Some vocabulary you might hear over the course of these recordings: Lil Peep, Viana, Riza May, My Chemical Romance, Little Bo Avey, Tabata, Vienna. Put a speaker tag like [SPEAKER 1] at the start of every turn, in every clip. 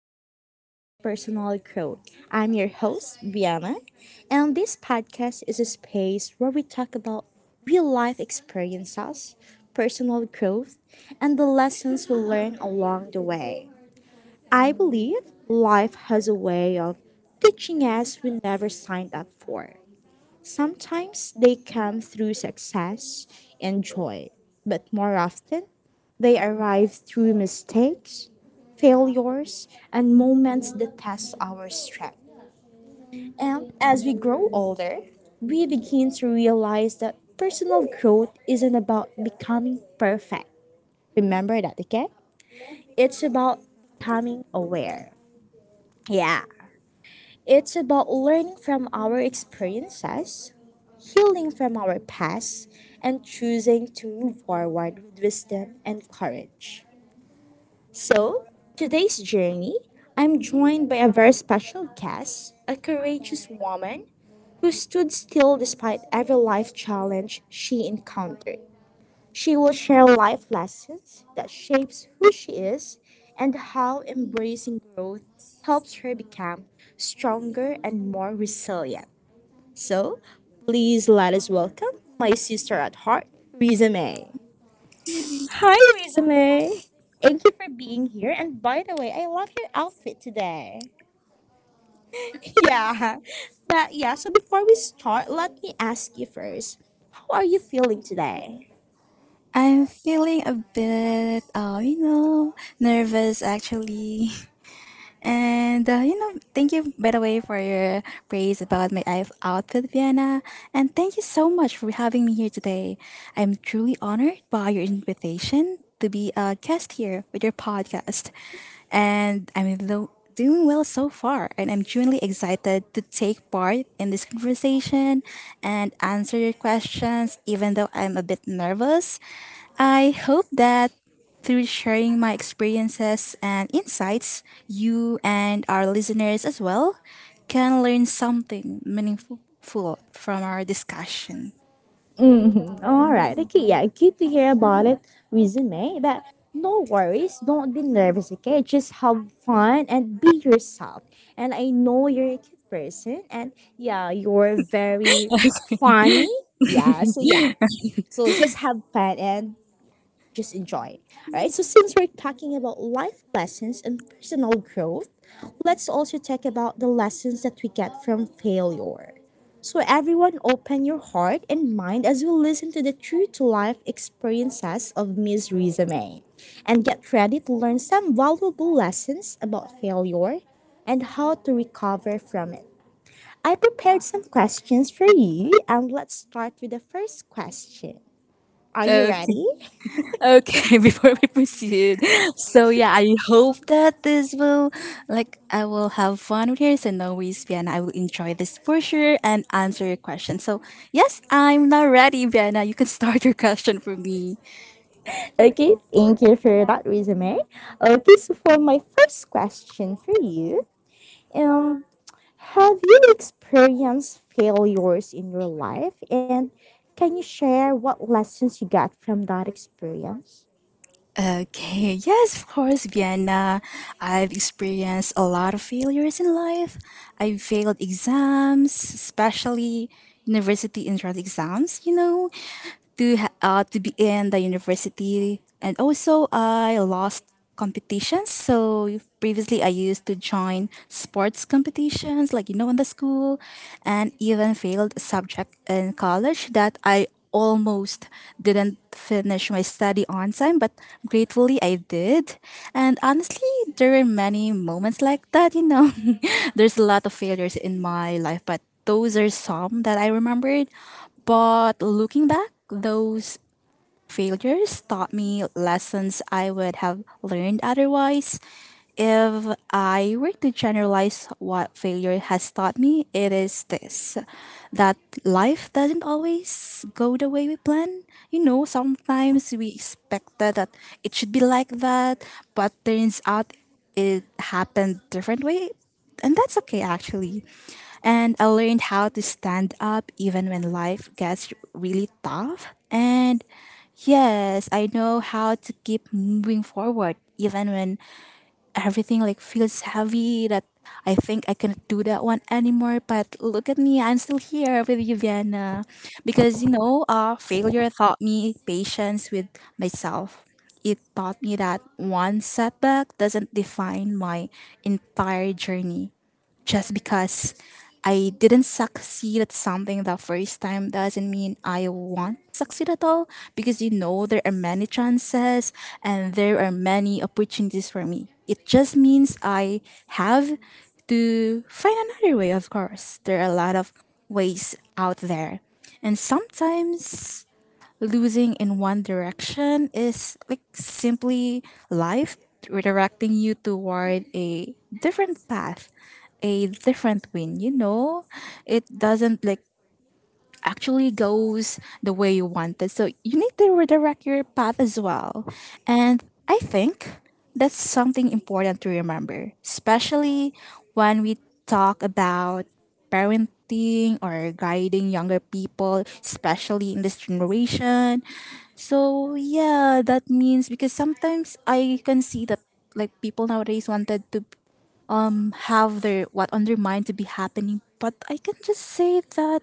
[SPEAKER 1] Life Lessons and Personal Growth. I'm your host, Viana, and this podcast is a space where we talk about real life experiences, personal growth, and the lessons we learn along the way. I believe life has a way of teaching us we never signed up for. Sometimes they come through success and joy, but more often they arrive through mistakes, failures, and moments that test our strength. And as we grow older, we begin to realize that personal growth isn't about becoming perfect. Remember that, okay? It's about becoming aware. Yeah. It's about learning from our experiences, healing from our past, and choosing to move forward with wisdom and courage. So, today's journey, I'm joined by a very special guest, a courageous woman who stood still despite every life challenge she encountered. She will share life lessons that shapes who she is and how embracing growth helps her become stronger and more resilient. So, please let us welcome my sister at heart, Riza May. Hi, Riza May. Thank you for being here. And by the way, I love your outfit today. Yeah. But yeah, so before we start, let me ask you first, how are you feeling today?
[SPEAKER 2] I'm feeling a bit, nervous actually. And thank you by the way for your praise about my outfit, Vienna. And thank you so much for having me here today. I'm truly honored by your invitation to be a guest here with your podcast. And I'm doing well so far, and I'm genuinely excited to take part in this conversation and answer your questions, even though I'm a bit nervous. I hope that through sharing my experiences and insights, you and our listeners as well can learn something meaningful from our discussion.
[SPEAKER 1] Mhm. All right. Okay. Yeah. Good to hear about it. Resume. But no worries. Don't be nervous. Okay. Just have fun and be yourself. And I know you're a cute person. And yeah, you're very funny. Yeah. So yeah. So just have fun and just enjoy. Alright, so since we're talking about life lessons and personal growth, let's also talk about the lessons that we get from failure. So, everyone, open your heart and mind as we listen to the true to life experiences of Ms. Rizame and get ready to learn some valuable lessons about failure and how to recover from it. I prepared some questions for you, and let's start with the first question. Are you
[SPEAKER 2] Okay,
[SPEAKER 1] ready?
[SPEAKER 2] okay, before we proceed. So yeah, I hope that this will like I will have fun with yours and always, Vienna. I will enjoy this for sure and answer your question. So yes, I'm now ready, Vienna. You can start your question for me.
[SPEAKER 1] Okay, thank you for that resume. Okay, so for my first question for you, um, have you experienced failures in your life, and can you share what lessons you got from that experience?
[SPEAKER 2] Okay, yes, of course, Vienna. I've experienced a lot of failures in life. I've failed exams, especially university entrance exams, to be in the university, and also I lost competitions. So previously I used to join sports competitions in the school, and even failed a subject in college that I almost didn't finish my study on time, but gratefully I did. And honestly, there were many moments like that. There's a lot of failures in my life, but those are some that I remembered. But looking back, those failures taught me lessons I would have learned otherwise. If I were to generalize what failure has taught me, it is this: that life doesn't always go the way we plan. You know, sometimes we expected that it should be like that, but turns out it happened different way, and that's okay, actually. And I learned how to stand up even when life gets really tough. And yes, I know how to keep moving forward even when everything feels heavy, that I think I cannot do that one anymore. But look at me, I'm still here with you, Vienna. Because failure taught me patience with myself. It taught me that one setback doesn't define my entire journey. Just because I didn't succeed at something the first time doesn't mean I won't succeed at all, because there are many chances, and there are many opportunities for me. It just means I have to find another way, of course. There are a lot of ways out there. And sometimes losing in one direction is simply life redirecting you toward a different path, a different win, you know? It doesn't actually goes the way you want it. So you need to redirect your path as well. And I think that's something important to remember, especially when we talk about parenting or guiding younger people, especially in this generation. So yeah, that means, because sometimes I can see that people nowadays wanted to have their what on their mind to be happening, but I can just say that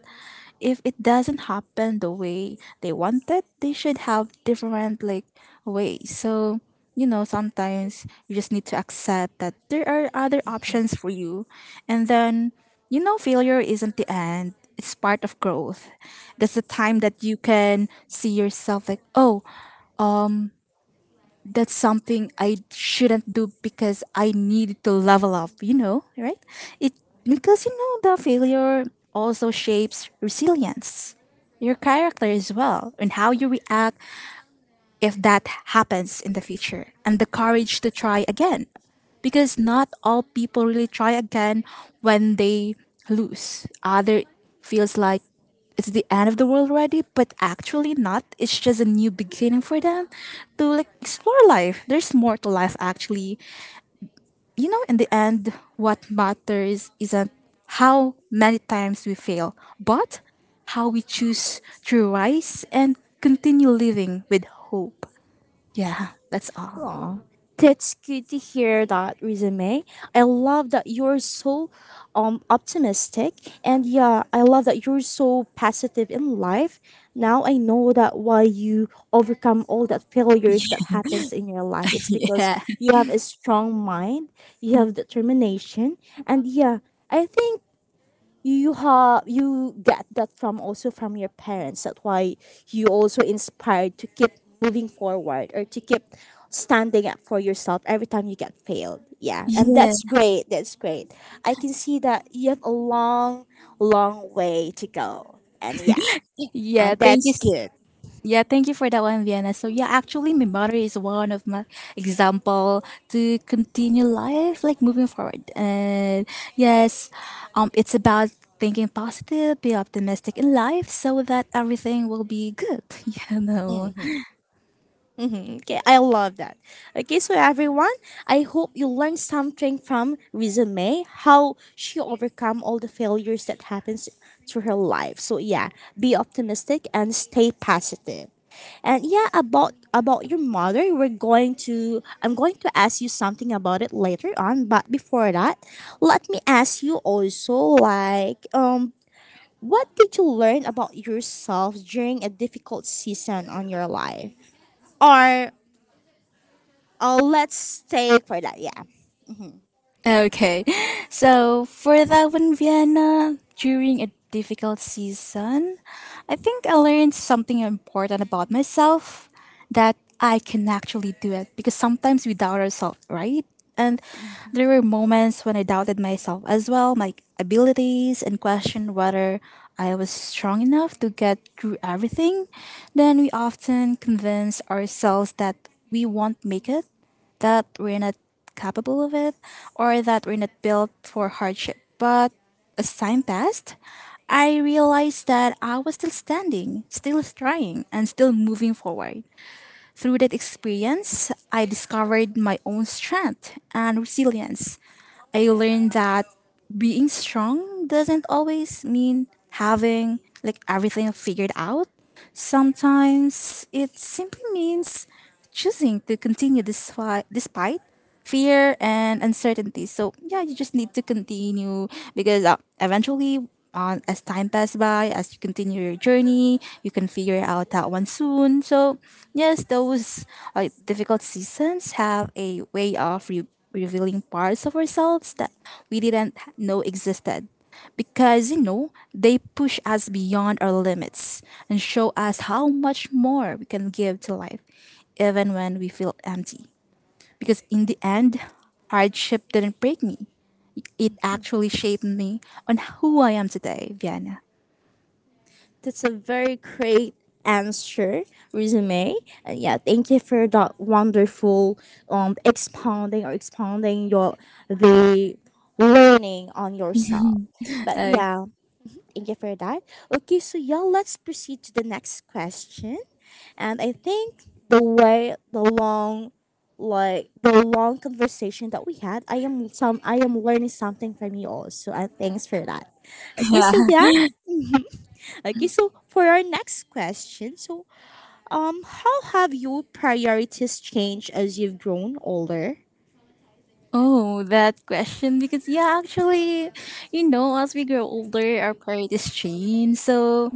[SPEAKER 2] if it doesn't happen the way they wanted, they should have different ways. So sometimes you just need to accept that there are other options for you, and then failure isn't the end, it's part of growth. That's the time that you can see yourself like, oh, that's something I shouldn't do because I need to level up, you know, right? It, because the failure also shapes resilience, your character as well, and how you react if that happens in the future, and the courage to try again. Because not all people really try again when they lose. Other feels like it's the end of the world already, but actually not. It's just a new beginning for them to explore life. There's more to life actually. You know, in the end, what matters isn't how many times we fail, but how we choose to rise and continue living with hope. Yeah, that's all.
[SPEAKER 1] Aw, that's good to hear that resume. I love that you're so optimistic, and yeah, I love that you're so positive in life. Now I know that why you overcome all that failures that happens in your life. It's because
[SPEAKER 2] Yeah.
[SPEAKER 1] you have a strong mind, you have determination, and yeah, I think you get that from also from your parents, that's why you also inspired to keep moving forward or to keep standing up for yourself every time you get failed, yeah. and
[SPEAKER 2] Yeah.
[SPEAKER 1] that's great that's great I can see that you have a long, long way to go. And yeah,
[SPEAKER 2] Yeah.
[SPEAKER 1] and
[SPEAKER 2] Thank
[SPEAKER 1] that's
[SPEAKER 2] you.
[SPEAKER 1] good.
[SPEAKER 2] Yeah, thank you for that one, Vienna. So yeah, actually my mother is one of my example to continue life, like moving forward. And yes, it's about thinking positive, be optimistic in life so that everything will be good, you know.
[SPEAKER 1] Hmm. Okay, I love that. Okay, so everyone, I hope you learned something from resume, how she overcome all the failures that happens to her life. So yeah, be optimistic and stay positive. And yeah, about your mother, we're going to I'm going to ask you something about it later on, but before that, let me ask you also, like, what did you learn about yourself during a difficult season on your life? Or Oh, let's take for that. Yeah,
[SPEAKER 2] Okay. So for that one, Vienna, during a difficult season, I think I learned something important about myself, that I can actually do it, because sometimes we doubt ourselves, right? And there were moments when I doubted myself as well, my abilities, and questioned whether I was strong enough to get through everything. Then we often convince ourselves that we won't make it, that we're not capable of it, or that we're not built for hardship. But as time passed, I realized that I was still standing, still trying, and still moving forward. Through that experience, I discovered my own strength and resilience. I learned that being strong doesn't always mean having everything figured out. Sometimes it simply means choosing to continue this fight despite fear and uncertainty. So yeah, you just need to continue, because eventually, as time passes by, as you continue your journey, you can figure out that one soon. So yes, those difficult seasons have a way of revealing parts of ourselves that we didn't know existed, because they push us beyond our limits and show us how much more we can give to life even when we feel empty, because in the end hardship didn't break me, it actually shaped me on who I am today, Vienna.
[SPEAKER 1] that's a very great answer, resume. And yeah, thank you for that wonderful expounding your the learning on yourself. But
[SPEAKER 2] Uh,
[SPEAKER 1] yeah, thank you for that. Okay, so yeah, let's proceed to the next question. And I think the way the long, like the long conversation that we had, I am learning something from you also, and thanks for that. Okay,
[SPEAKER 2] yeah.
[SPEAKER 1] so yeah. Okay, so for our next question, so how have your priorities changed as you've grown older?
[SPEAKER 2] Oh, that question. Because, yeah, actually, as we grow older, our priorities change. So,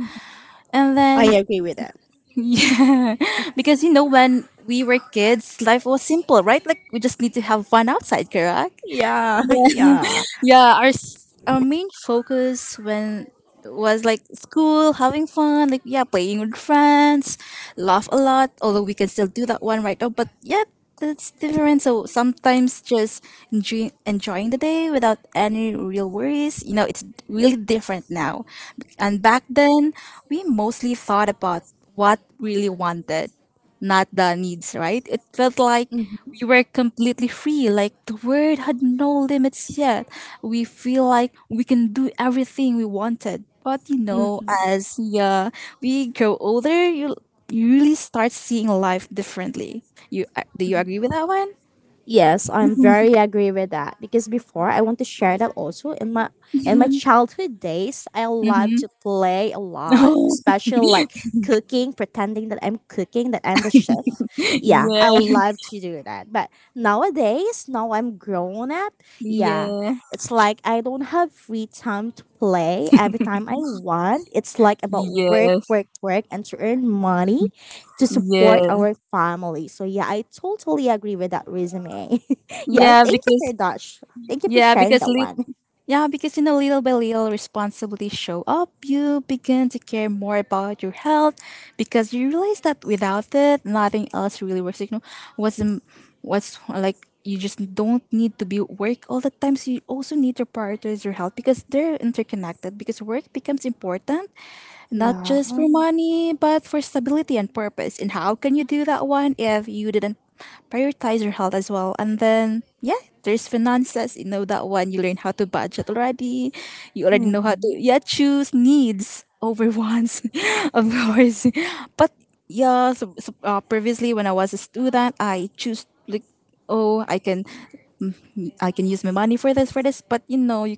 [SPEAKER 2] and
[SPEAKER 1] I
[SPEAKER 2] then.
[SPEAKER 1] agree with that.
[SPEAKER 2] Yeah, because when we were kids, life was simple, right? Like we just need to have fun outside, correct?
[SPEAKER 1] Yeah, yeah.
[SPEAKER 2] Yeah, our main focus when was like school, having fun, like yeah, playing with friends, laugh a lot. Although we can still do that one right now, but yeah, that's different. So sometimes just enjoying the day without any real worries. You know, it's really different now, and back then we mostly thought about what really wanted, not the needs, right? It felt like
[SPEAKER 1] Mm-hmm,
[SPEAKER 2] we
[SPEAKER 1] mm-hmm.
[SPEAKER 2] were completely free, like the world had no limits yet. We feel like we can do everything we wanted. But you know, as yeah, we grow older, you really start seeing life differently. You do you agree with that one?
[SPEAKER 1] Yes, I'm very agree with that, because before I want to share that also in my
[SPEAKER 2] Mm-hmm.
[SPEAKER 1] childhood days, I love to play a lot, especially like cooking, pretending that I'm cooking, that I'm the chef. Yeah, I
[SPEAKER 2] Yeah,
[SPEAKER 1] love to do that. But nowadays, now I'm grown up, yeah,
[SPEAKER 2] yeah,
[SPEAKER 1] it's like I don't have free time to play every time I want. It's like about work,
[SPEAKER 2] yes,
[SPEAKER 1] work, work and to earn money to support our family. So yeah, I totally agree with that resume. Yeah, thank you for
[SPEAKER 2] yes,
[SPEAKER 1] that. Thank you for
[SPEAKER 2] yeah.
[SPEAKER 1] sharing that one.
[SPEAKER 2] Yeah, because in a little by little responsibilities show up, you begin to care more about your health, because you realize that without it, nothing else really works. You know, what's the, what's like you just don't need to be work all the time. So you also need to prioritize your health because they're interconnected. Because work becomes important not
[SPEAKER 1] Yeah.
[SPEAKER 2] just for money, but for stability and purpose. And how can you do that one if you didn't prioritize your health as well? And then, yeah, there's finances. You know that one. You learn how to budget already. You already know how to,
[SPEAKER 1] Mhm.
[SPEAKER 2] yeah, choose needs over wants, of course. But yeah, so, previously when I was a student, I choose like, oh, I can use my money for this, for this. But you know, you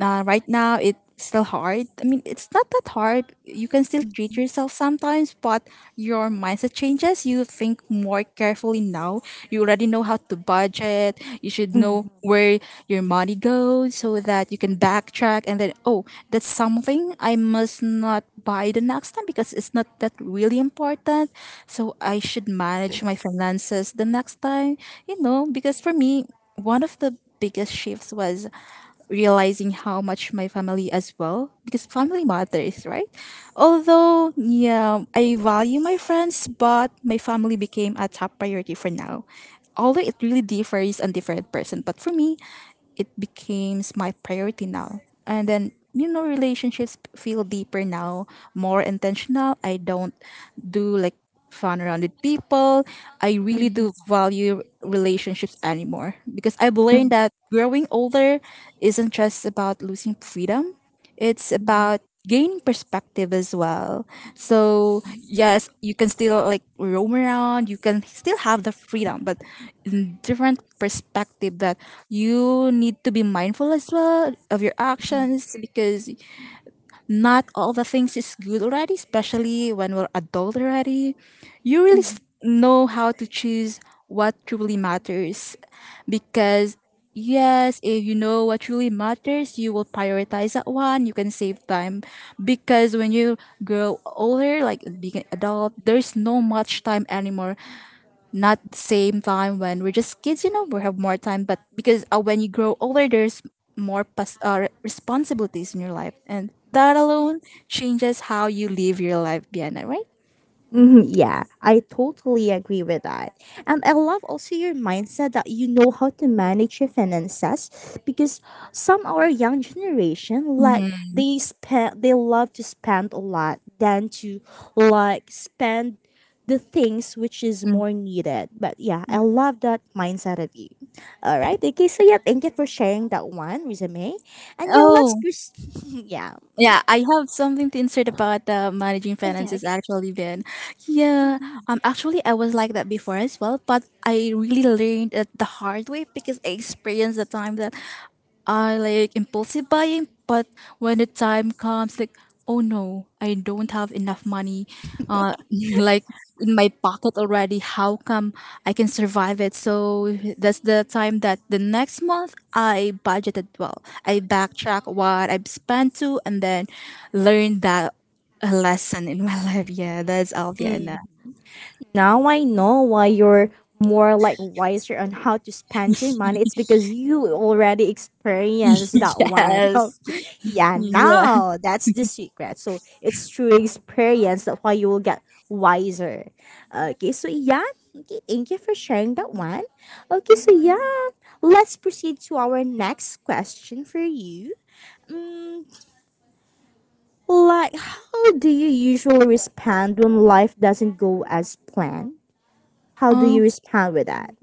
[SPEAKER 2] right now it's still hard. I mean, it's not that hard. You can still treat yourself sometimes, but your mindset changes. You think more carefully now. You already know how to budget. You should know where your money goes so that you can backtrack, and then, oh, that's something I must not buy the next time because it's not that really important. So I should manage my finances the next time, you know, because for me, one of the biggest shifts was realizing how much my family as well, because family matters, right? Although yeah, I value my friends, but my family became a top priority for now. Although it really differs on different person, but for me it becomes my priority now. And then, you know, relationships feel deeper now, more intentional. I don't do fun around with people. I really do value relationships anymore, because I've learned that growing older isn't just about losing freedom, it's about gaining perspective as well. So yes, you can still roam around, you can still have the freedom, but in different perspective, that you need to be mindful as well of your actions, because not all the things is good already, especially when we're adult already. You really know how to choose what truly matters because yes, if you know what truly matters, you will prioritize that one. You can save time because when you grow older, like being an adult, there's no much time anymore, not the same time when we're just kids. We have more time. But because when you grow older, there's more responsibilities in your life. And that alone changes how you live your life, Bianna, right?
[SPEAKER 1] Mhm, yeah, I totally agree with that. And I love also your mindset that you know how to manage your finances, because some our young generation, like,
[SPEAKER 2] Mm-hmm.
[SPEAKER 1] they love to spend a lot than to, like, spend the things which is more needed. But yeah, I love that mindset of you. All right. Okay, so yeah, thank you for sharing that one, resume. And yeah, let's
[SPEAKER 2] Oh,
[SPEAKER 1] pers-. Yeah.
[SPEAKER 2] yeah. I have something to insert about managing
[SPEAKER 1] Okay,
[SPEAKER 2] finances
[SPEAKER 1] okay.
[SPEAKER 2] actually, Ben. Yeah. Actually, I was like that before as well, but I really learned it the hard way because I experienced the time that I like impulsive buying. But when the time comes, like, oh no, I don't have enough money, uh, like in my pocket already. How come I can survive it? So that's the time that the next month I budgeted well. I backtrack what I've spent to, and then learn that a lesson in my life. Yeah, that's Alvia.
[SPEAKER 1] Mm. Now I know why you're more, like, wiser on how to spend your money. It's because you already experienced
[SPEAKER 2] Yes,
[SPEAKER 1] that one.
[SPEAKER 2] yeah.
[SPEAKER 1] Okay. Yeah, now that's the secret. So it's through experience that why you will get wiser. Okay, so yeah. Okay, thank you for sharing that one. Okay, so yeah, let's proceed to our next question for you. Mm, like, how do you usually respond when life doesn't go as planned? How do you respond with that?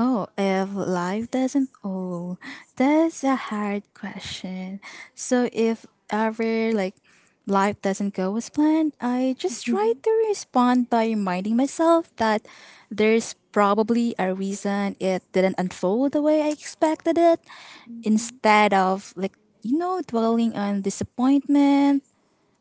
[SPEAKER 2] Oh, if life doesn't oh, that's a hard question. So if ever, like, life doesn't go as planned, I just try to respond by reminding myself that there's probably a reason it didn't unfold the way I expected it. Instead of, like, dwelling on disappointment,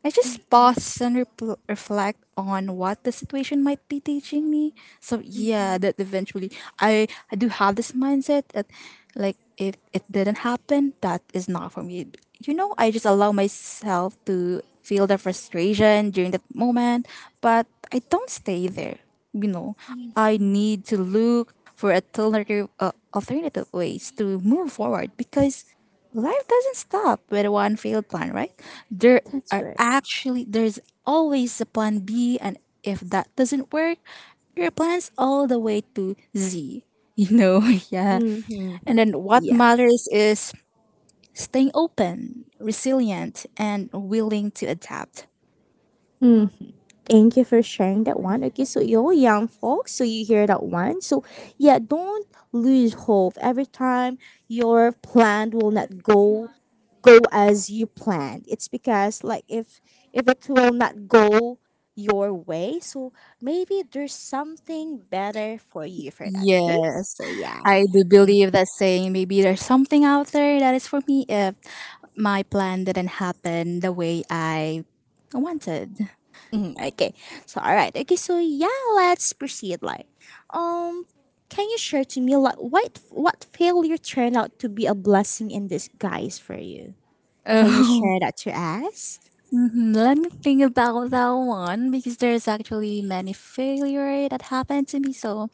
[SPEAKER 2] I just pause and repl reflect on what the situation might be teaching me. So yeah, that eventually I, I do have this mindset that, like, if it didn't happen, that is not for me. I just allow myself to feel the frustration during that moment, but I don't stay there. You know, I need to look for alternative alternative ways to move forward because life doesn't stop with one failed plan, right? There
[SPEAKER 1] That's
[SPEAKER 2] are
[SPEAKER 1] right.
[SPEAKER 2] actually there's always a plan B, and if that doesn't work, there are plans all the way to Z. You know, yeah. And
[SPEAKER 1] Mm-hmm.
[SPEAKER 2] then what
[SPEAKER 1] Yeah.
[SPEAKER 2] matters is staying open, resilient, and willing to adapt.
[SPEAKER 1] Mm, thank you for sharing that one. Okay, so yo, young folks, so you hear that one. So yeah, don't lose hope. Every time your plan will not go as you planned. It's because, like, if it will not go your way, so maybe there's something better for you for that. Okay.
[SPEAKER 2] Yes,
[SPEAKER 1] So yeah.
[SPEAKER 2] I do believe that saying, maybe there's something out there that is for me if my plan didn't happen the way I wanted.
[SPEAKER 1] Mhm, okay. So all right. Okay. So yeah, let's proceed. Like, um, can you share to me, like, what failure turned out to be a blessing in disguise for you? Can you
[SPEAKER 2] Oh.
[SPEAKER 1] share that to us?
[SPEAKER 2] Mhm. Let me think about that one because there's actually many failure that happened to me. So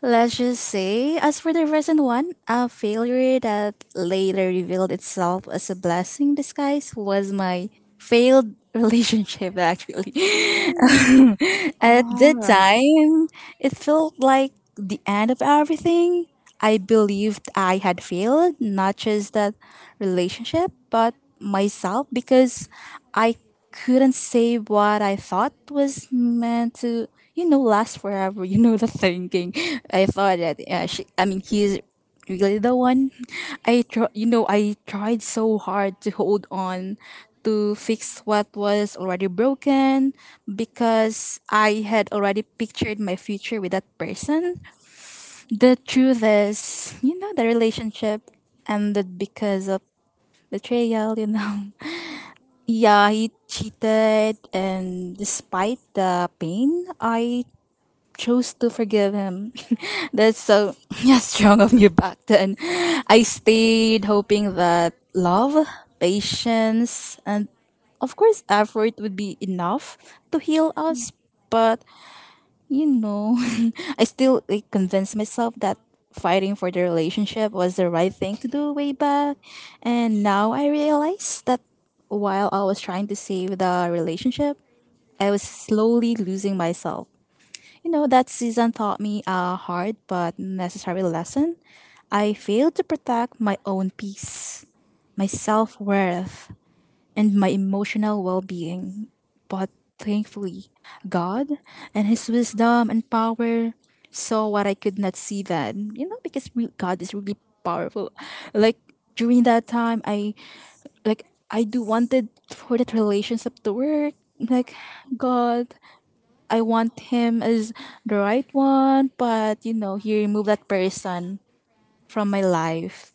[SPEAKER 2] let's just say, as for the recent one, a failure that later revealed itself as a blessing disguise was my failed relationship. Actually,
[SPEAKER 1] Mm,
[SPEAKER 2] at
[SPEAKER 1] all
[SPEAKER 2] the
[SPEAKER 1] right.
[SPEAKER 2] time, it felt like the end of everything. I believed I had failed, not just that relationship, but myself, because I couldn't say what I thought was meant to, last forever. You know, the thinking. I thought that, yeah, she, I mean, he's really the one. I tr- you know I tried so hard to hold on, to fix what was already broken, because I had already pictured my future with that person. The truth is, the relationship ended because of betrayal. Yeah, he cheated, and despite the pain, I chose to forgive him. That's so yeah, strong of me back then. I stayed hoping that love, patience, and of course effort would be enough to heal us. But you know, I still, like, convinced myself that fighting for the relationship was the right thing to do way back. And now I realize that while I was trying to save the relationship, I was slowly losing myself. That season taught me a hard but necessary lesson. I failed to protect my own peace, my self worth, and my emotional well being. But thankfully, God and His wisdom and power saw what I could not see then. Because God is really powerful. Like, during that time, I do wanted for that relationship to work. Like, God, I want him as the right one, but he removed that person from my life.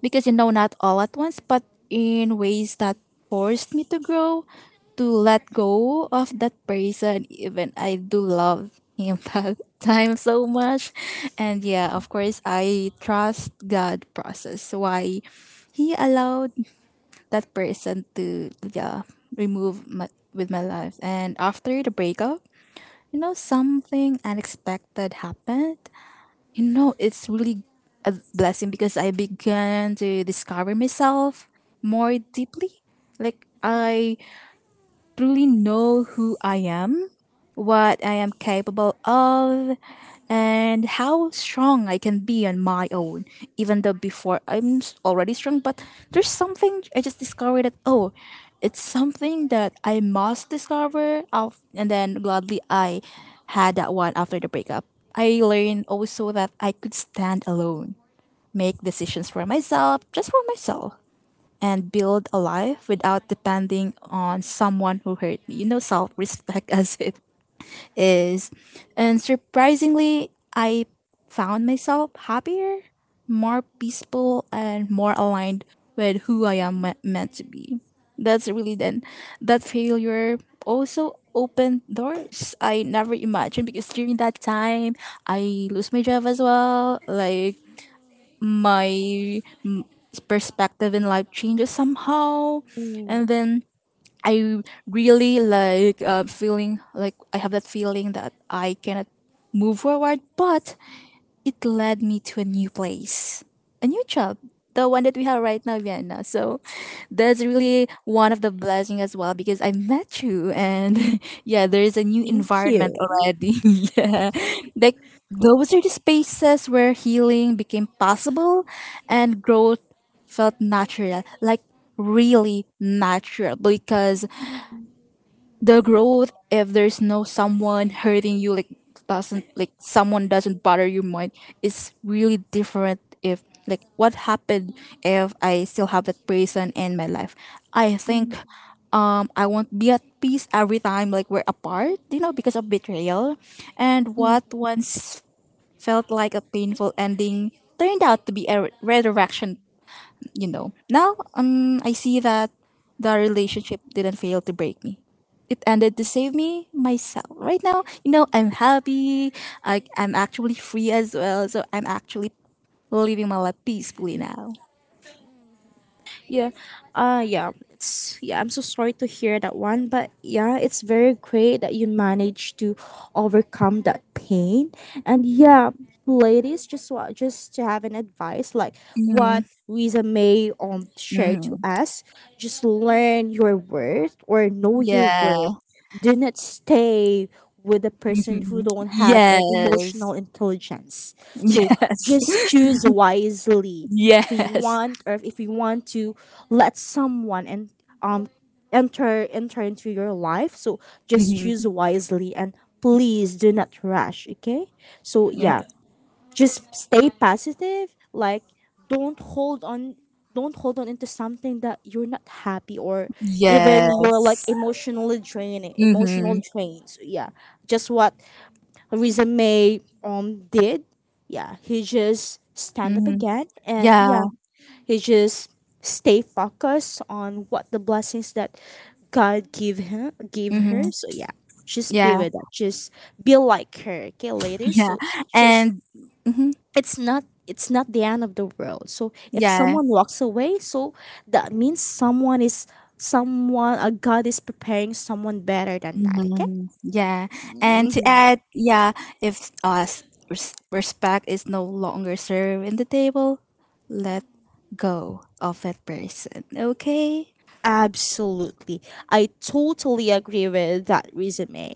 [SPEAKER 2] Because not all at once, but in ways that forced me to grow, to let go of that person, even I do love him that time so much. And yeah, of course I trust God process why he allowed that person to, yeah, remove my with my life. And after the breakup, something unexpected happened. It's really a blessing because I began to discover myself more deeply. Like, I truly know who I am, what I am capable of, and how strong I can be on my own. Even though before I'm already strong, but there's something I just discovered that, oh, it's something that I must discover. Of and then, gladly, I had that one after the breakup. I learned also that I could stand alone, make decisions for myself, just for myself, and build a life without depending on someone who hurt me. Self respect as it is. And surprisingly, I found myself happier, more peaceful, and more aligned with who I am meant to be. That's really then that failure also opened doors I never imagined because during that time I lose my job as well. Like, my perspective in life changes somehow, and then I really, like, feeling like I have that feeling that I cannot move forward. But it led me to a new place, a new job, the one that we have right now, Vienna. So that's really one of the blessing as well because I met you. And yeah, there is a new
[SPEAKER 1] Thank
[SPEAKER 2] environment
[SPEAKER 1] you.
[SPEAKER 2] already. Yeah, like, those are the spaces where healing became possible, and growth felt natural, like really natural, because the growth, if there's no someone hurting you, like, doesn't, like, someone doesn't bother your mind, is really different. If, like, what happened, if I still have that person in my life, I think I won't be at peace every time, like, we're apart, because of betrayal. And what once felt like a painful ending turned out to be a redirection. Now, I see that the relationship didn't fail to break me. It ended to save me, myself. Right now, I'm happy. I'm actually free as well. So I'm actually living my life peacefully now.
[SPEAKER 1] Yeah. Yeah. It's, yeah, I'm so sorry to hear that one, but yeah, it's very great that you managed to overcome that pain. And yeah, ladies, just to have an advice, like
[SPEAKER 2] Hmm.
[SPEAKER 1] what Lisa May shared to
[SPEAKER 2] Hmm.
[SPEAKER 1] us, just learn your worth or know your
[SPEAKER 2] Yeah.
[SPEAKER 1] worth, do not stay with a person who
[SPEAKER 2] Mhm.
[SPEAKER 1] don't have an, yes, emotional
[SPEAKER 2] Yes.
[SPEAKER 1] intelligence. So, yes,
[SPEAKER 2] Yes.
[SPEAKER 1] just choose wisely if you
[SPEAKER 2] Yes.
[SPEAKER 1] want or if you want to let someone and um enter into your life. So just choose
[SPEAKER 2] Mhm.
[SPEAKER 1] wisely, and please do not rush, okay? So
[SPEAKER 2] Yeah.
[SPEAKER 1] yeah, just stay positive, like, don't hold on don't hold on into something that you're not happy or even
[SPEAKER 2] Yeah.
[SPEAKER 1] you're, like, emotionally draining, emotional
[SPEAKER 2] Hmm.
[SPEAKER 1] drains, yeah, just what Risa May did, yeah, he just stand up
[SPEAKER 2] Hmm.
[SPEAKER 1] again, and
[SPEAKER 2] Yeah.
[SPEAKER 1] yeah, he just stay focused on what the blessings that God give him gave
[SPEAKER 2] Hmm.
[SPEAKER 1] her. So yeah, just be
[SPEAKER 2] Yeah.
[SPEAKER 1] with that, just be like her, okay, ladies?
[SPEAKER 2] Yeah.
[SPEAKER 1] So just
[SPEAKER 2] And hmm,
[SPEAKER 1] it's not the end of the world. So if
[SPEAKER 2] yeah.
[SPEAKER 1] someone, yes, walks away, so that means someone is someone a god is preparing someone better than that, okay?
[SPEAKER 2] Mhm. Yeah, and to add, yeah, if respect is no longer served in the table, let go of that person. Okay.
[SPEAKER 1] Absolutely. I totally agree with that resume.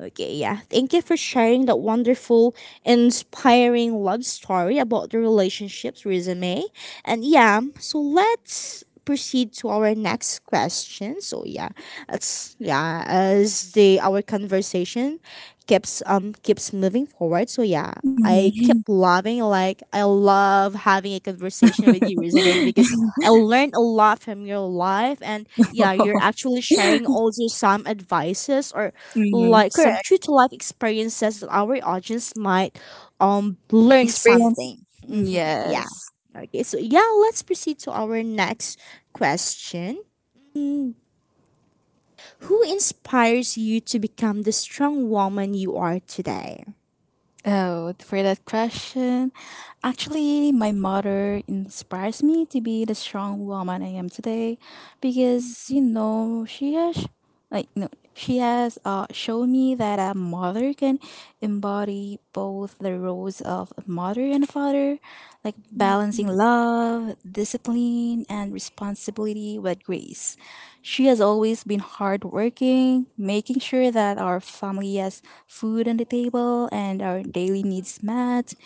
[SPEAKER 1] Okay, yeah. Thank you for sharing that wonderful, inspiring love story about the relationships, resume. And yeah, so let's proceed to our next question. So yeah, that's, yeah, as the our conversation keeps moving forward. So yeah, I keep
[SPEAKER 2] Mhm.
[SPEAKER 1] loving like I love having a conversation with you, resume, because I learned a lot from your life, and yeah, you're actually sharing also some advices or
[SPEAKER 2] Mhm.
[SPEAKER 1] like some
[SPEAKER 2] Correct.
[SPEAKER 1] true to life experiences that our audience might learn, yes,
[SPEAKER 2] Experience.
[SPEAKER 1] something. Hmm. Yeah.
[SPEAKER 2] Yes.
[SPEAKER 1] Yes. Okay, so yeah, let's proceed to our next question. Who inspires you to become the strong woman you are today?
[SPEAKER 2] Oh, for that question. Actually, my mother inspires me to be the strong woman I am today because she has like no she has shown me that a mother can embody both the roles of a mother and a father, like balancing love, discipline, and responsibility with grace. She has always been hardworking, making sure that our family has food on the table and our daily needs met.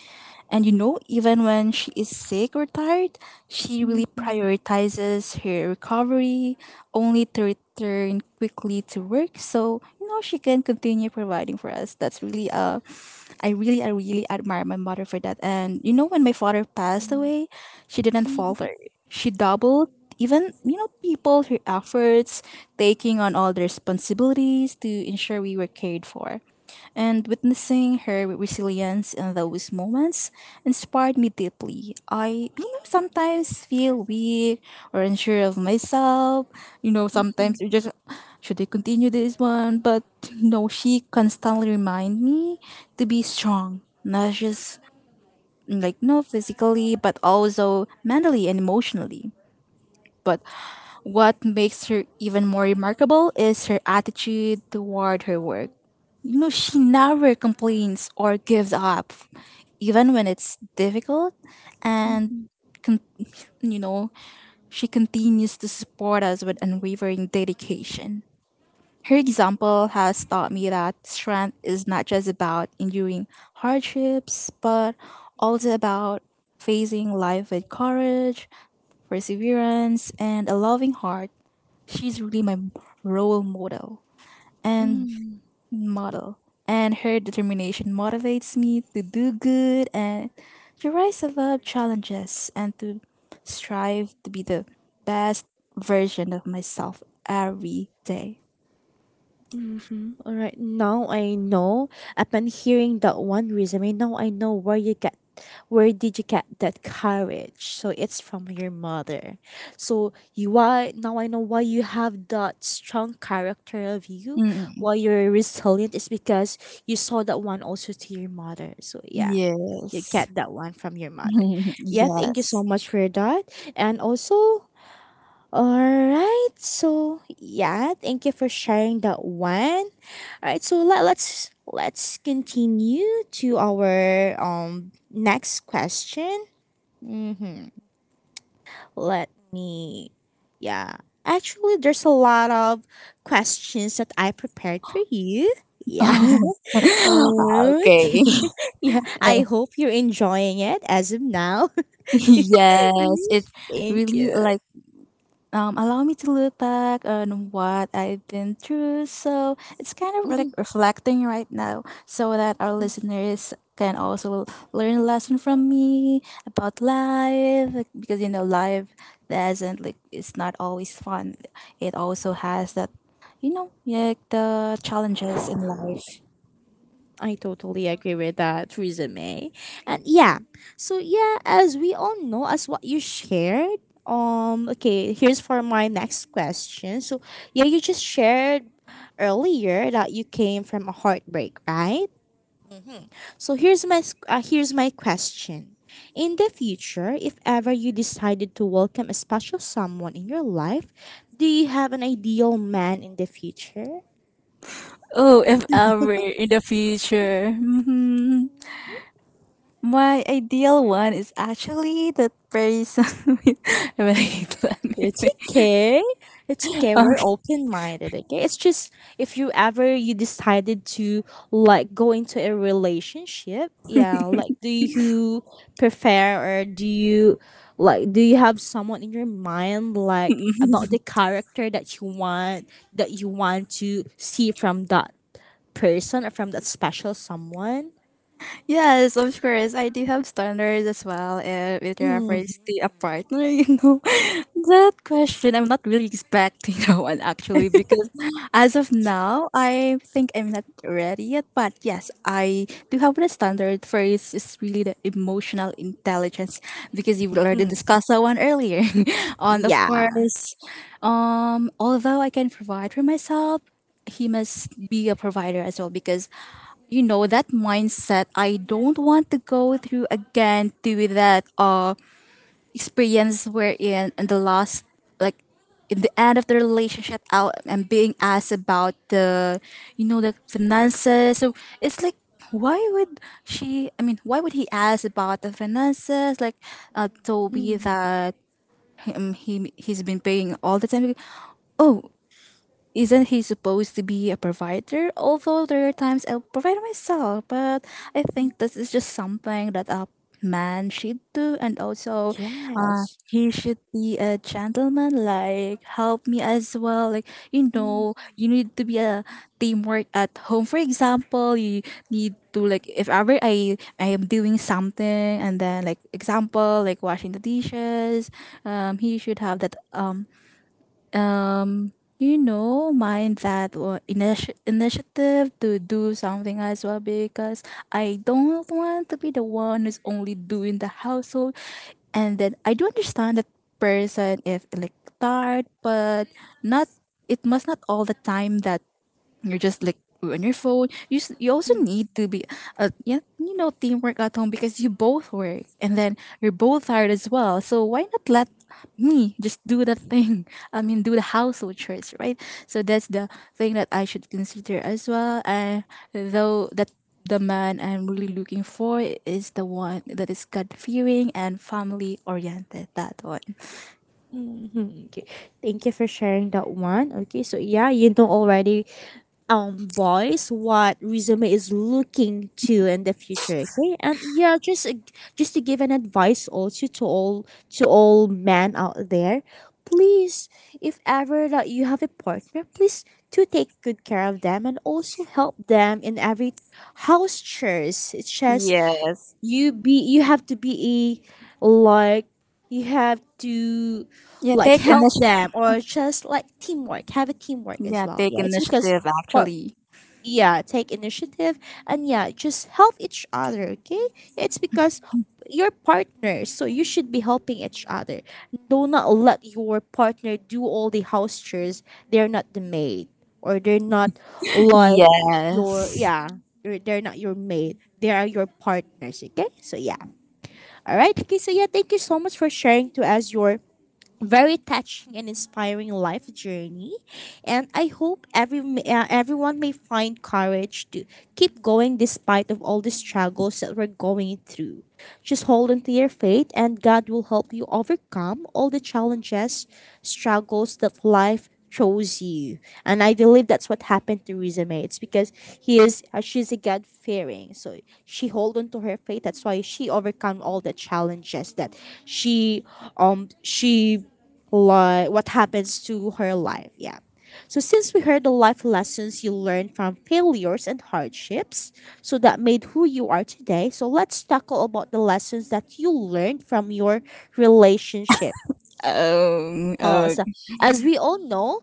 [SPEAKER 2] And, even when she is sick or tired, she really prioritizes her recovery, only to return quickly to work, so she can continue providing for us. That's really I really admire my mother for that. And when my father passed away, she didn't falter. She doubled, even, you know people her efforts, taking on all the responsibilities to ensure we were cared for, and witnessing her resilience in those moments inspired me deeply. I, sometimes feel weak or unsure of myself. Sometimes you just, should I continue this one? But she constantly remind me to be strong, not just like no physically, but also mentally and emotionally. But what makes her even more remarkable is her attitude toward her work. She never complains or gives up, even when it's difficult. And, con- you know, she continues to support us with unwavering dedication. Her example has taught me that strength is not just about enduring hardships, but also about facing life with courage, perseverance, and a loving heart. She's really my role model. And model, and her determination motivates me to do good and to rise above challenges and to strive to be the best version of myself every day.
[SPEAKER 1] Mm-hmm. All right. Now I know. Upon hearing that one, resume, now I know where did you get that courage? So it's from your mother. So you why now I know why you have that strong character of you,
[SPEAKER 2] Mm,
[SPEAKER 1] why you're resilient is because you saw that one also to your mother. So yeah, yes, you
[SPEAKER 2] yes.
[SPEAKER 1] get that one from your mother. Yeah, thank you so
[SPEAKER 2] Yes.
[SPEAKER 1] much for that. And also, all right. So yeah, thank you for sharing that one. All right. So let's continue to our next question. Mm-hmm. Let me. Yeah. Actually, there's a lot of questions that I prepared for you. Yeah.
[SPEAKER 2] Oh, okay.
[SPEAKER 1] Okay. Yeah. I hope you're enjoying it as of now.
[SPEAKER 2] Yes, it
[SPEAKER 1] Thank
[SPEAKER 2] really
[SPEAKER 1] you.
[SPEAKER 2] like. Allow me to look back on what I've been through. So it's kind of like reflecting right now so that our listeners can also learn a lesson from me about life, like, because life doesn't like it's not always fun. It also has that, like, the challenges in life.
[SPEAKER 1] I totally agree with that resume. And yeah, so yeah, as we all know, as what you shared, okay, here's for my next question. So yeah, you just shared earlier that you came from a heartbreak, right? So here's my question. In the future, if ever you decided to welcome a special someone in your life, do you have an ideal man in the future?
[SPEAKER 2] Oh, if ever in the future. Hmm. My ideal one is actually the person with, wait, let me
[SPEAKER 1] It's
[SPEAKER 2] think.
[SPEAKER 1] okay. It's okay. We're open minded. Okay. It's just if you ever you decided to go into a relationship, yeah. Like, do you prefer or do you do you have someone in your mind like about the character that you want to see from that person or from that special someone?
[SPEAKER 2] Yes, of course. I do have standards as well. With reference
[SPEAKER 1] Mm-hmm.
[SPEAKER 2] to a partner, that question I'm not really expecting that one actually, because as of now, I think I'm not ready yet. But yes, I do have the standard for it's really the emotional intelligence because you've already discussed that one earlier. And of
[SPEAKER 1] Yeah.
[SPEAKER 2] course, although I can provide for myself, he must be a provider as well because you know that mindset. I don't want to go through again to that experience we're in the last, like, in the end of the relationship out and being asked about the the finances. So it's like, why would she, I mean, why would he ask about the finances? Like, Toby, that him, he's been paying all the time. Oh, isn't he supposed to be a provider? Although there are times I'll provide myself, but I think this is just something that a man should do. And also, uh,
[SPEAKER 1] Yes.
[SPEAKER 2] he should be a gentleman. Like, help me as well. Like, you know, you need to be a teamwork at home. For example, you need to, like, if ever I am doing something, and then like example like washing the dishes, he should have that you know mind, that initiative to do something as well because I don't want to be the one who's only doing the household. And then I do understand the person if like tired, but not, it must not all the time that you're just like on your phone. You also need to be, yeah, you know, teamwork at home, because you both work, and then you're both tired as well. So why not let me just do that thing? I mean, do the household chores, right? So that's the thing that I should consider as well. Though that the man I'm really looking for is the one that is God fearing and family oriented. That one.
[SPEAKER 1] Mhm, okay. Thank you for sharing that one. Okay, so yeah, you know already, boys, what resume is looking to in the future. Okay, and yeah, just to give an advice also to all men out there, please, if ever that you have a partner, please to take good care of them and also help them in every house chores. It's just
[SPEAKER 2] Yes.
[SPEAKER 1] you have to be a like you have to
[SPEAKER 2] Yeah,
[SPEAKER 1] like
[SPEAKER 2] take
[SPEAKER 1] help
[SPEAKER 2] initiative.
[SPEAKER 1] them or just like teamwork, have a teamwork as
[SPEAKER 2] Yeah,
[SPEAKER 1] well,
[SPEAKER 2] take
[SPEAKER 1] yeah, it's because
[SPEAKER 2] initiative
[SPEAKER 1] for,
[SPEAKER 2] actually.
[SPEAKER 1] yeah, take initiative, and yeah, just help each other. Okay, it's because you're partners, so you should be helping each other. Do not let your partner do all the house chores. They're not the maid, or they're not like your,
[SPEAKER 2] Yes.
[SPEAKER 1] yeah, they're not your maid, they are your partners. Okay, so yeah, all right. Okay, so yeah, thank you so much for sharing to us your very touching and inspiring life journey, and I hope everyone may find courage to keep going despite of all the struggles that we're going through. Just hold on to your faith, and God will help you overcome all the challenges, struggles that life throws you. And I believe that's what happened to Rizame. It's because he is she's a God fearing, so she hold on to her faith. That's why she overcome all the challenges that she she like what happens to her life. Yeah. So since we heard the life lessons you learned from failures and hardships, so that made who you are today. So let's tackle about the lessons that you learned from your relationship.
[SPEAKER 2] Oh.
[SPEAKER 1] Oh,
[SPEAKER 2] Oh.
[SPEAKER 1] so as we all know,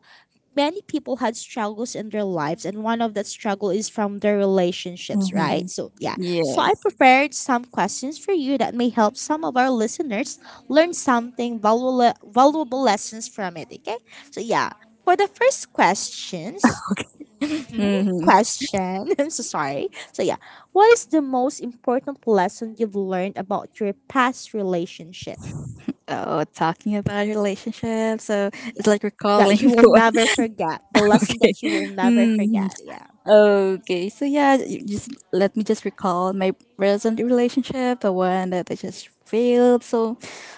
[SPEAKER 1] many people had struggles in their lives, and one of that struggle is from their relationships,
[SPEAKER 2] hmm
[SPEAKER 1] right? So yeah, so I
[SPEAKER 2] Yeah.
[SPEAKER 1] prepared some questions for you that may help some of our listeners learn something valuable, lessons from it. Okay, so yeah, for the first questions. Mhm.
[SPEAKER 2] hmm
[SPEAKER 1] Question. I'm so sorry. So yeah, what is the most important lesson you've learned about your past relationship?
[SPEAKER 2] Oh, talking about relationships. So it's like recalling.
[SPEAKER 1] That you will never
[SPEAKER 2] Okay.
[SPEAKER 1] forget. The lesson that you will never
[SPEAKER 2] hmm
[SPEAKER 1] forget. Yeah.
[SPEAKER 2] Okay. So yeah, you just let me just recall my present relationship, the one that I just failed. So,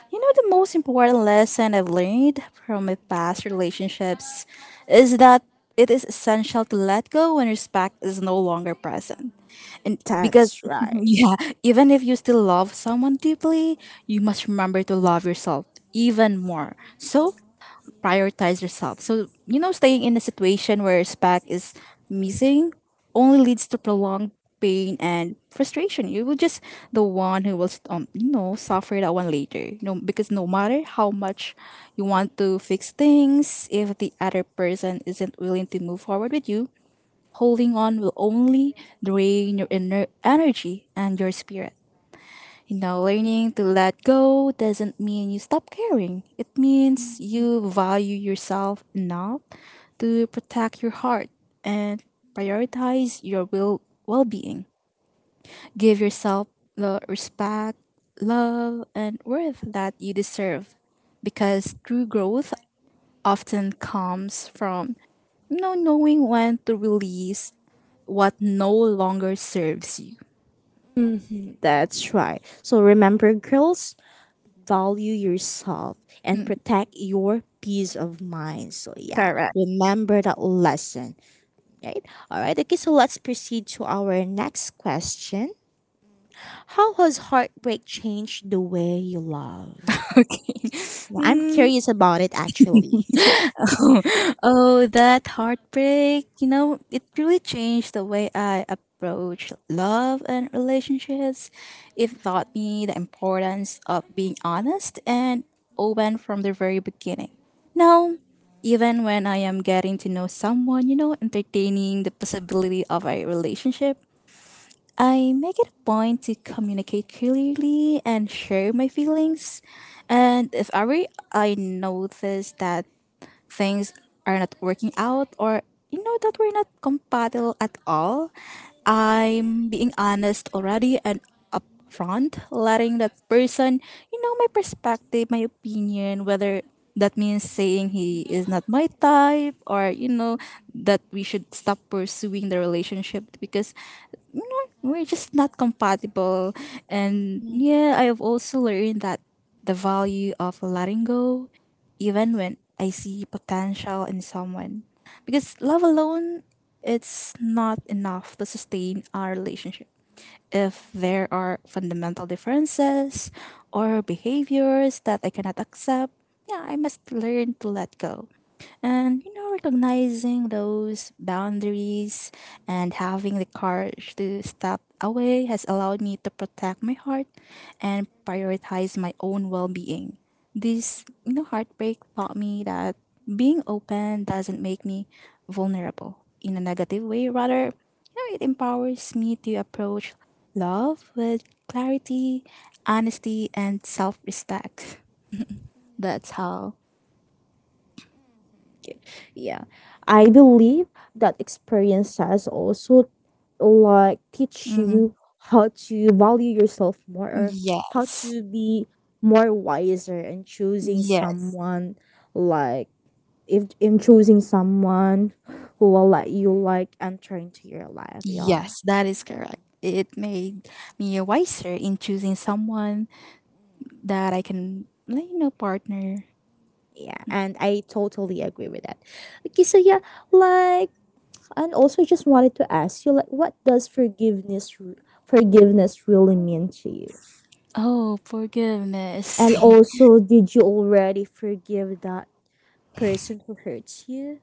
[SPEAKER 2] you know, the most important lesson I've learned from my past relationships is that it is essential to let go when respect is no longer present. And because,
[SPEAKER 1] That's right.
[SPEAKER 2] yeah, even if you still love someone deeply, you must remember to love yourself even more. So prioritize yourself. So, you know, staying in a situation where respect is missing only leads to prolonged pain and frustration. You will just the one who will, you know, suffer that one later. You know, because no matter how much you want to fix things, if the other person isn't willing to move forward with you, holding on will only drain your inner energy and your spirit. You know, learning to let go doesn't mean you stop caring. It means you value yourself enough to protect your heart and prioritize your will well-being. Give yourself the respect, love, and worth that you deserve, because true growth often comes from knowing when to release what no longer serves you.
[SPEAKER 1] Hmm. That's right. So remember, girls, value yourself and
[SPEAKER 2] Mm,
[SPEAKER 1] protect your peace of mind. So, yeah,
[SPEAKER 2] correct.
[SPEAKER 1] remember that lesson, right? All right, okay, so let's proceed to our next question. How has heartbreak changed the way you love?
[SPEAKER 2] Okay.
[SPEAKER 1] Well, I'm curious about it actually.
[SPEAKER 2] Oh, that heartbreak. You know, it really changed the way I approach love and relationships. It taught me the importance of being honest and open from the very beginning. Now, even when I am getting to know someone, you know, entertaining the possibility of a relationship, I make it a point to communicate clearly and share my feelings. And if ever I notice that things are not working out, or you know that we're not compatible at all, I'm being honest already and upfront, letting that person, you know, my perspective, my opinion, whether that means saying he is not my type, or you know that we should stop pursuing the relationship because we're just not compatible. And yeah, I've also learned that the value of letting go, even when I see potential in someone. Because love alone, it's not enough to sustain our relationship. If there are fundamental differences or behaviors that I cannot accept, yeah, I must learn to let go. And you know, recognizing those boundaries and having the courage to step away has allowed me to protect my heart and prioritize my own well-being. This, you know, heartbreak taught me that being open doesn't make me vulnerable in a negative way. Rather, you know, it empowers me to approach love with clarity, honesty, and self-respect. That's how.
[SPEAKER 1] Yeah. I believe that experiences also like teach
[SPEAKER 2] Mhm.
[SPEAKER 1] you how to value yourself more or how
[SPEAKER 2] Yes.
[SPEAKER 1] to be more wiser in choosing
[SPEAKER 2] Yes.
[SPEAKER 1] someone like if in choosing someone who will let you like enter into your life. Yeah.
[SPEAKER 2] Yes, that is correct. It made me wiser in choosing someone that I can, like, you know, partner.
[SPEAKER 1] Yeah, and I totally agree with that. Okay, so yeah, like, and also just wanted to ask you, like, what does forgiveness really mean to you?
[SPEAKER 2] Oh, forgiveness.
[SPEAKER 1] And also, did you already forgive that person who hurts you?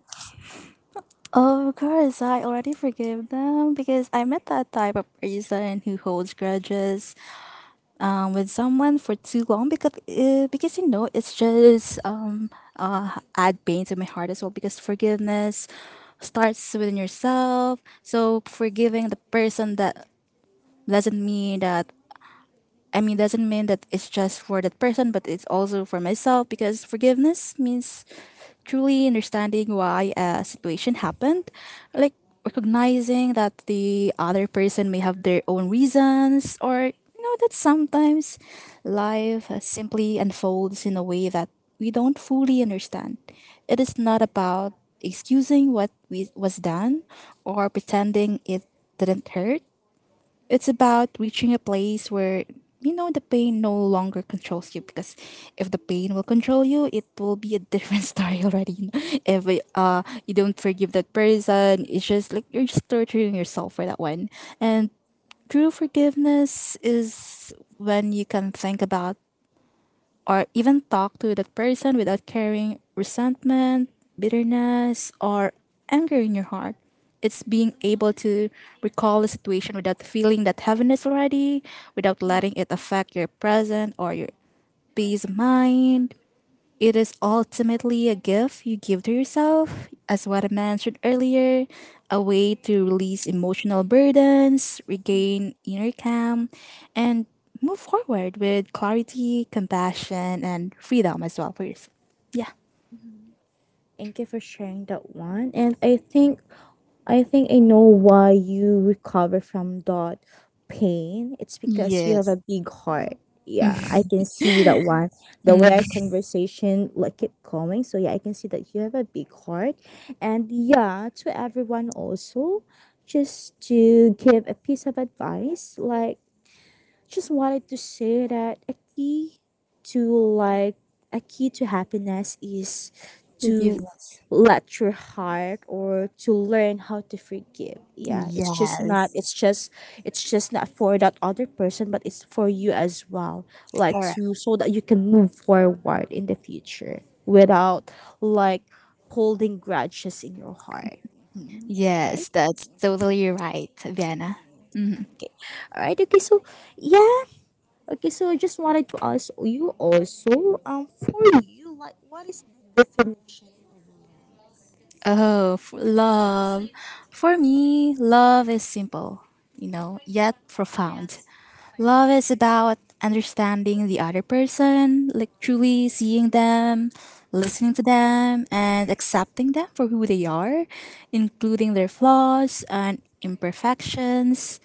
[SPEAKER 2] Of course, I already forgive them, because I am not that type of person who holds grudges with someone for too long because you know, it's just add pain to my heart as well, because forgiveness starts within yourself. So forgiving the person that doesn't mean that, I mean, doesn't mean that it's just for that person, but it's also for myself, because forgiveness means truly understanding why a situation happened. Like recognizing that the other person may have their own reasons, or you know that sometimes life simply unfolds in a way that we don't fully understand. It is not about excusing what we was done or pretending it didn't hurt. It's about reaching a place where you know the pain no longer controls you, because if the pain will control you, it will be a different story already. If you don't forgive that person, it's just like you're just torturing yourself for that one. And true forgiveness is when you can think about or even talk to that person without carrying resentment, bitterness, or anger in your heart. It's being able to recall the situation without feeling that heaviness already, without letting it affect your present or your peace of mind. It is ultimately a gift you give to yourself, as what I mentioned earlier, a way to release emotional burdens, regain inner calm, and move forward with clarity, compassion, and freedom as well for yourself. Yeah.
[SPEAKER 1] Thank you for sharing that one. And I think I know why you recover from that pain. It's because you have a
[SPEAKER 2] Yes.
[SPEAKER 1] big heart. Yeah, I can see that one. The way
[SPEAKER 2] Mm,
[SPEAKER 1] our conversation like kept going. So yeah, I can see that you have a big heart. And yeah, to everyone also, just to give a piece of advice, like, just wanted to say that to like a key to happiness is to
[SPEAKER 2] forgiveness.
[SPEAKER 1] let your heart or to learn how to forgive. Yeah,
[SPEAKER 2] Yes.
[SPEAKER 1] it's just not for that other person but it's for you as well. Like
[SPEAKER 2] Correct.
[SPEAKER 1] to, so that you can move forward in the future without like holding grudges in your heart. Right?
[SPEAKER 2] Yes, that's totally right, Vienna. Mhm.
[SPEAKER 1] Alright, okay, so yeah, okay, so I just wanted to ask you also, for you, like, what is the definition?
[SPEAKER 2] Love. For me, love is simple, you know, yet profound. Love is about understanding the other person, like truly seeing them, listening to them, and accepting them for who they are, including their flaws and imperfections.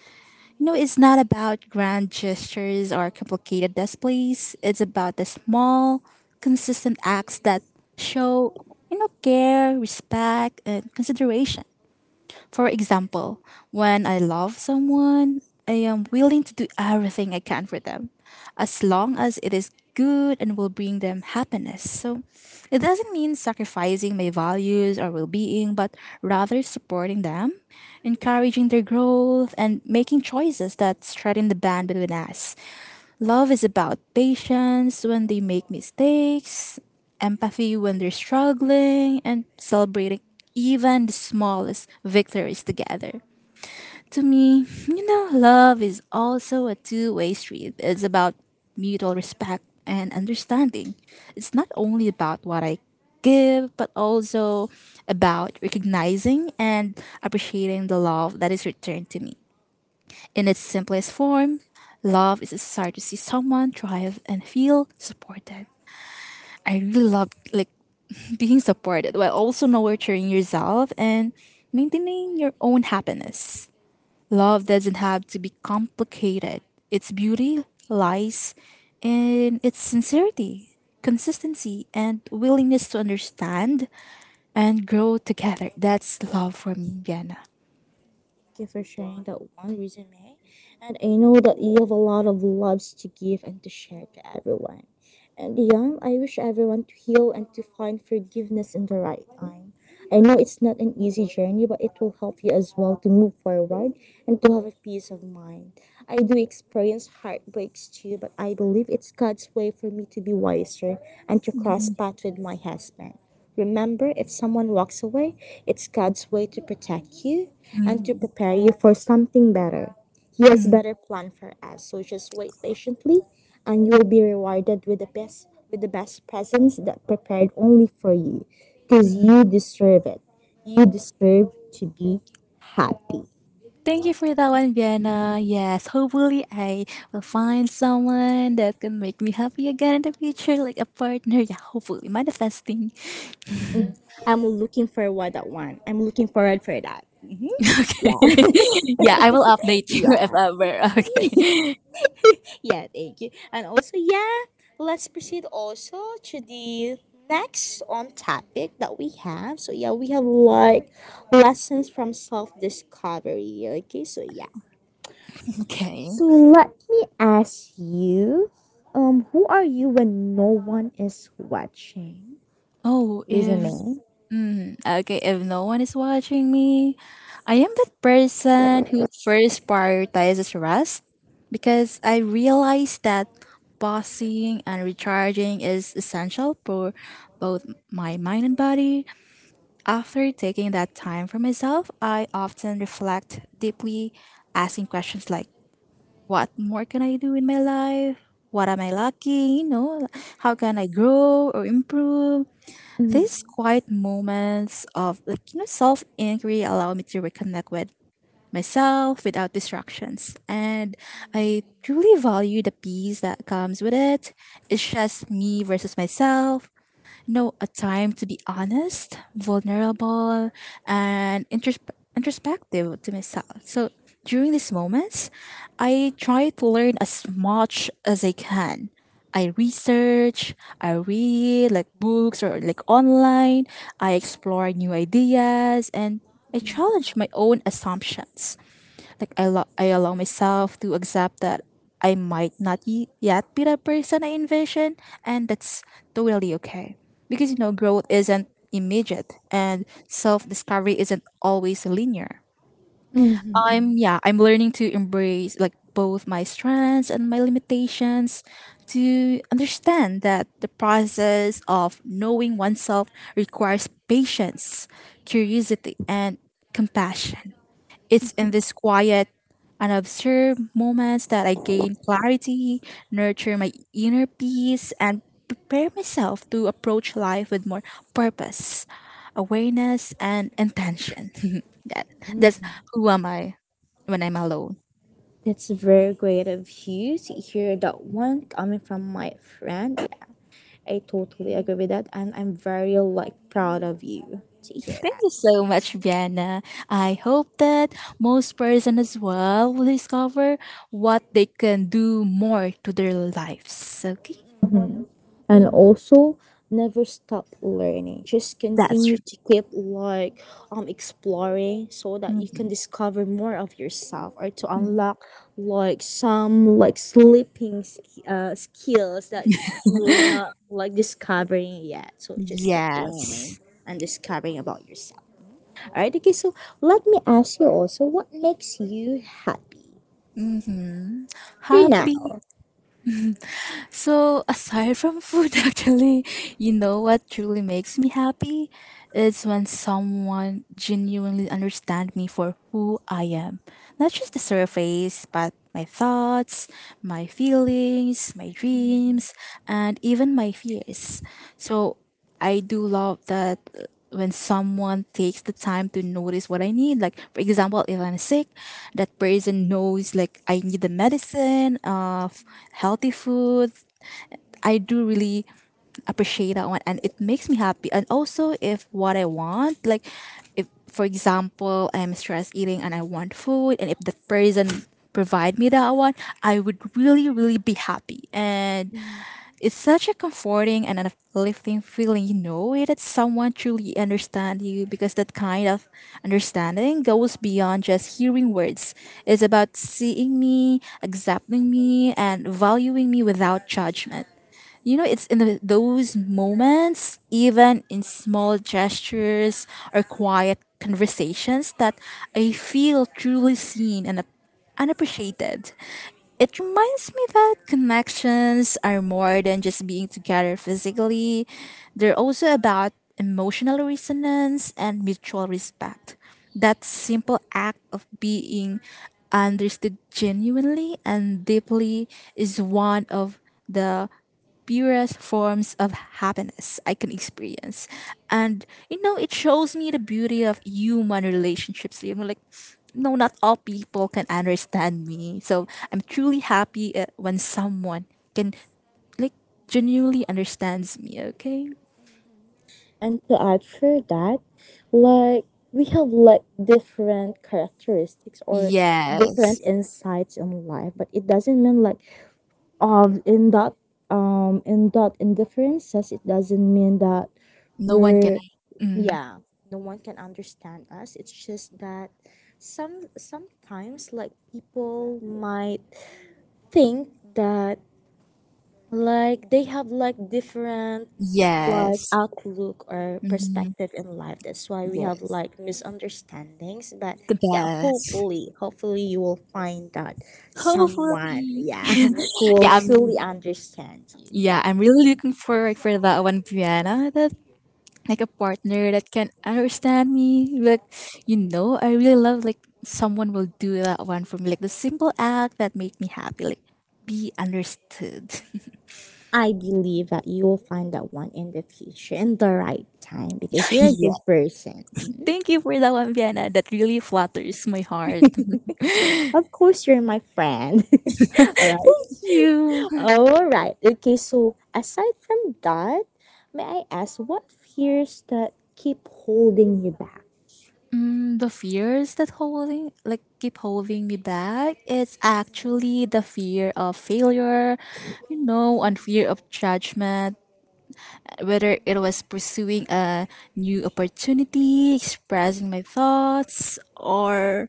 [SPEAKER 2] You know, it's not about grand gestures or complicated displays, it's about the small, consistent acts that show, you know, care, respect, and consideration. For example, when I love someone, I am willing to do everything I can for them, as long as it is good and will bring them happiness. So it doesn't mean sacrificing my values or well being, but rather supporting them, encouraging their growth, and making choices that strengthen the band between us. Love is about patience when they make mistakes, empathy when they're struggling, and celebrating even the smallest victories together. To me, you know, love is also a two-way street. It's about mutual respect and understanding. It's not only about what I give, but also about recognizing and appreciating the love that is returned to me. In its simplest form, love is a desire to see someone thrive and feel supported. I really love like being supported while also nurturing yourself and maintaining your own happiness. Love doesn't have to be complicated. Its beauty lies in its sincerity, consistency, and willingness to understand and grow together. That's love for me, Vienna.
[SPEAKER 1] Thank you for sharing that one, resume, and I know that you have a lot of loves to give and to share to everyone. And yeah, I wish everyone to heal and to find forgiveness in the right time. I know it's not an easy journey, but it will help you as well to move forward and to have a peace of mind. I do experience heartbreaks too, but I believe it's God's way for me to be wiser and to cross
[SPEAKER 2] Mm,
[SPEAKER 1] paths with my husband. Remember, if someone walks away, it's God's way to protect you and to
[SPEAKER 2] mm,
[SPEAKER 1] prepare you for something better. He has
[SPEAKER 2] mm,
[SPEAKER 1] better plan for us, so just wait patiently and you will be rewarded with the best presents that prepared only for you. Because
[SPEAKER 2] mm.
[SPEAKER 1] you deserve it. You deserve to be happy.
[SPEAKER 2] Thank you for that one, Vienna. Yes, hopefully I will find someone that can make me happy again in the future, like a partner. Yeah, hopefully manifesting.
[SPEAKER 1] Mhm. I'm looking forward that one. I'm looking forward for that.
[SPEAKER 2] Okay.
[SPEAKER 1] Yeah.
[SPEAKER 2] Yeah, I will update you if
[SPEAKER 1] yeah.
[SPEAKER 2] ever. Okay.
[SPEAKER 1] Yeah, thank you. And also, yeah, let's proceed also to the next on topic that we have. So yeah, we have like lessons from self discovery. Okay, so yeah.
[SPEAKER 2] Okay.
[SPEAKER 1] So let me ask you, who are you when no one is watching?
[SPEAKER 2] Oh, if
[SPEAKER 1] Resume.
[SPEAKER 2] mm, okay, if no one is watching me, I am that person who first prioritizes rest, because I realize that pausing and recharging is essential for both my mind and body. After taking that time for myself, I often reflect deeply, asking questions like, "What more can I do in my life? What am I lacking? You know, how can I grow or improve?"
[SPEAKER 1] Mm.
[SPEAKER 2] These quiet moments of self inquiry allow me to reconnect with myself without distractions, and I truly value the peace that comes with it. It's just me versus myself, no, a time to be honest, vulnerable, and introspective to myself. So during these moments, I try to learn as much as I can. I research, I read like books or like online, I explore new ideas, and I challenge my own assumptions. Like I allow myself to accept that I might not yet be the person I envision, and that's totally okay. Because you know, growth isn't immediate, and self-discovery isn't always linear.
[SPEAKER 1] Mm-hmm.
[SPEAKER 2] I'm yeah, I'm learning to embrace like both my strengths and my limitations to understand that the process of knowing oneself requires patience, curiosity and compassion. It's in these quiet and observed moments that I gain clarity, nurture my inner peace, and prepare myself to approach life with more purpose, awareness, and intention. That, that's who am I when I'm alone.
[SPEAKER 1] That's very great of you to hear that one coming from my friend. Yeah. I totally agree with that, and I'm very like proud of you to hear
[SPEAKER 2] Thank
[SPEAKER 1] that.
[SPEAKER 2] you so much, Vienna. I hope that most person as well will discover what they can do more to their lives. Okay,
[SPEAKER 1] And also, never stop learning. Just
[SPEAKER 2] that's
[SPEAKER 1] continue
[SPEAKER 2] true.
[SPEAKER 1] to keep like exploring so that you can
[SPEAKER 2] Mhm.
[SPEAKER 1] discover more of yourself or to
[SPEAKER 2] Mhm.
[SPEAKER 1] unlock like some like skills that you were not like discovering yet. So just keep learning
[SPEAKER 2] Yes.
[SPEAKER 1] and discovering about yourself. All right. Okay. So let me ask you also, what makes you happy?
[SPEAKER 2] Mhm.
[SPEAKER 1] Right
[SPEAKER 2] Happy.
[SPEAKER 1] now.
[SPEAKER 2] So aside from food, actually, you know what truly makes me happy? It's when someone genuinely understands me for who I am. Not just the surface, but my thoughts, my feelings, my dreams, and even my fears. So I do love that when someone takes the time to notice what I need. Like for example, if I'm sick, that person knows like I need the medicine of healthy food, I do really appreciate that one, and it makes me happy. And also if what I want, like if for example I'm stress eating and I want food and if the person provide me that one, I would really, really be happy. And it's such a comforting and an uplifting feeling, you know, it, that someone truly understand you because that kind of understanding goes beyond just hearing words. It's about seeing me, accepting me, and valuing me without judgment. You know, it's in those moments, even in small gestures or quiet conversations, that I feel truly seen and, and appreciated. It reminds me that connections are more than just being together physically, they're also about emotional resonance and mutual respect. That simple act of being understood genuinely and deeply is one of the purest forms of happiness I can experience. And you know, it shows me the beauty of human relationships. You know, like no, not all people can understand me. So I'm truly happy when someone can like genuinely understands me. Okay.
[SPEAKER 1] And to add for that, like we have like different characteristics or,
[SPEAKER 2] Ye-
[SPEAKER 1] yes, different insights in life, but it doesn't mean like um in that in that indifferences, it doesn't mean that, no one can, we're,
[SPEAKER 2] mm,
[SPEAKER 1] yeah, no one can understand us. It's just that sometimes like people might think that like they have like different like
[SPEAKER 2] Yes.
[SPEAKER 1] outlook or
[SPEAKER 2] mhm,
[SPEAKER 1] perspective in life. That's why we have
[SPEAKER 2] Yes.
[SPEAKER 1] like misunderstandings. But
[SPEAKER 2] The
[SPEAKER 1] yeah,
[SPEAKER 2] best.
[SPEAKER 1] hopefully you will find that
[SPEAKER 2] Hopefully.
[SPEAKER 1] someone, yeah, who will
[SPEAKER 2] Yeah.
[SPEAKER 1] fully understand you.
[SPEAKER 2] Yeah. I'm really looking forward for that one, Brianna. Like a partner that can understand me. But you know, I really love like someone will do that one for me, like the simple act that make me happy, like be understood.
[SPEAKER 1] I believe that you will find that one in the future, in the right time, because you're a
[SPEAKER 2] Yeah,
[SPEAKER 1] good person. Mhm.
[SPEAKER 2] thank you for that one, Vienna. That really flatters my heart. That's
[SPEAKER 1] Of course, you're my friend. All right.
[SPEAKER 2] you.
[SPEAKER 1] All right. Okay, so aside from that, may I ask what fears that keep holding you back?
[SPEAKER 2] Mm, the fears that holding like keep holding me back it's actually the fear of failure, you know, and fear of judgment, whether it was pursuing a new opportunity, expressing my thoughts, or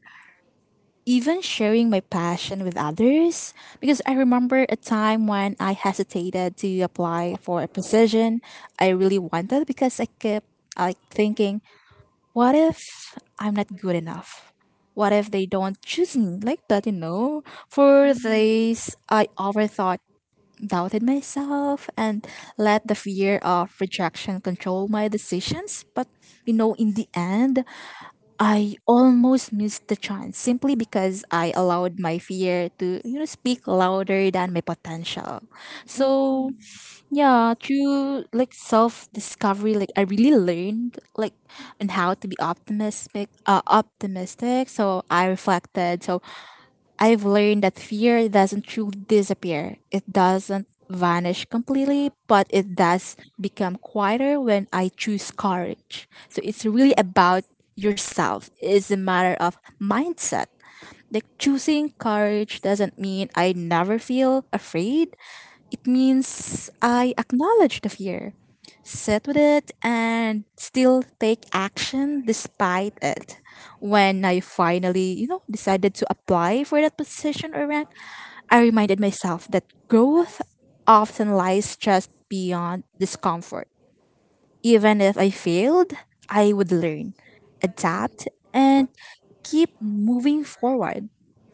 [SPEAKER 2] even sharing my passion with others. Because I remember a time when I hesitated to apply for a position I really wanted because I kept like thinking, what if I'm not good enough? What if they don't choose me like that, you know? For this, I overthought, doubted myself, and let the fear of rejection control my decisions. But you know, in the end, I almost missed the chance simply because I allowed my fear to, you know, speak louder than my potential. So yeah, through like self discovery, like I really learned like on how to be optimistic, optimistic. So I reflected. So I've learned that fear doesn't truly disappear. It doesn't vanish completely, but it does become quieter when I choose courage. So it's really about yourself. It's a matter of mindset. Like choosing courage doesn't mean I never feel afraid. It means I acknowledge the fear, sit with it, and still take action despite it. When I finally, you know, decided to apply for that position or rank, I reminded myself that growth often lies just beyond discomfort. Even if I failed, I would learn, adapt, and keep moving forward.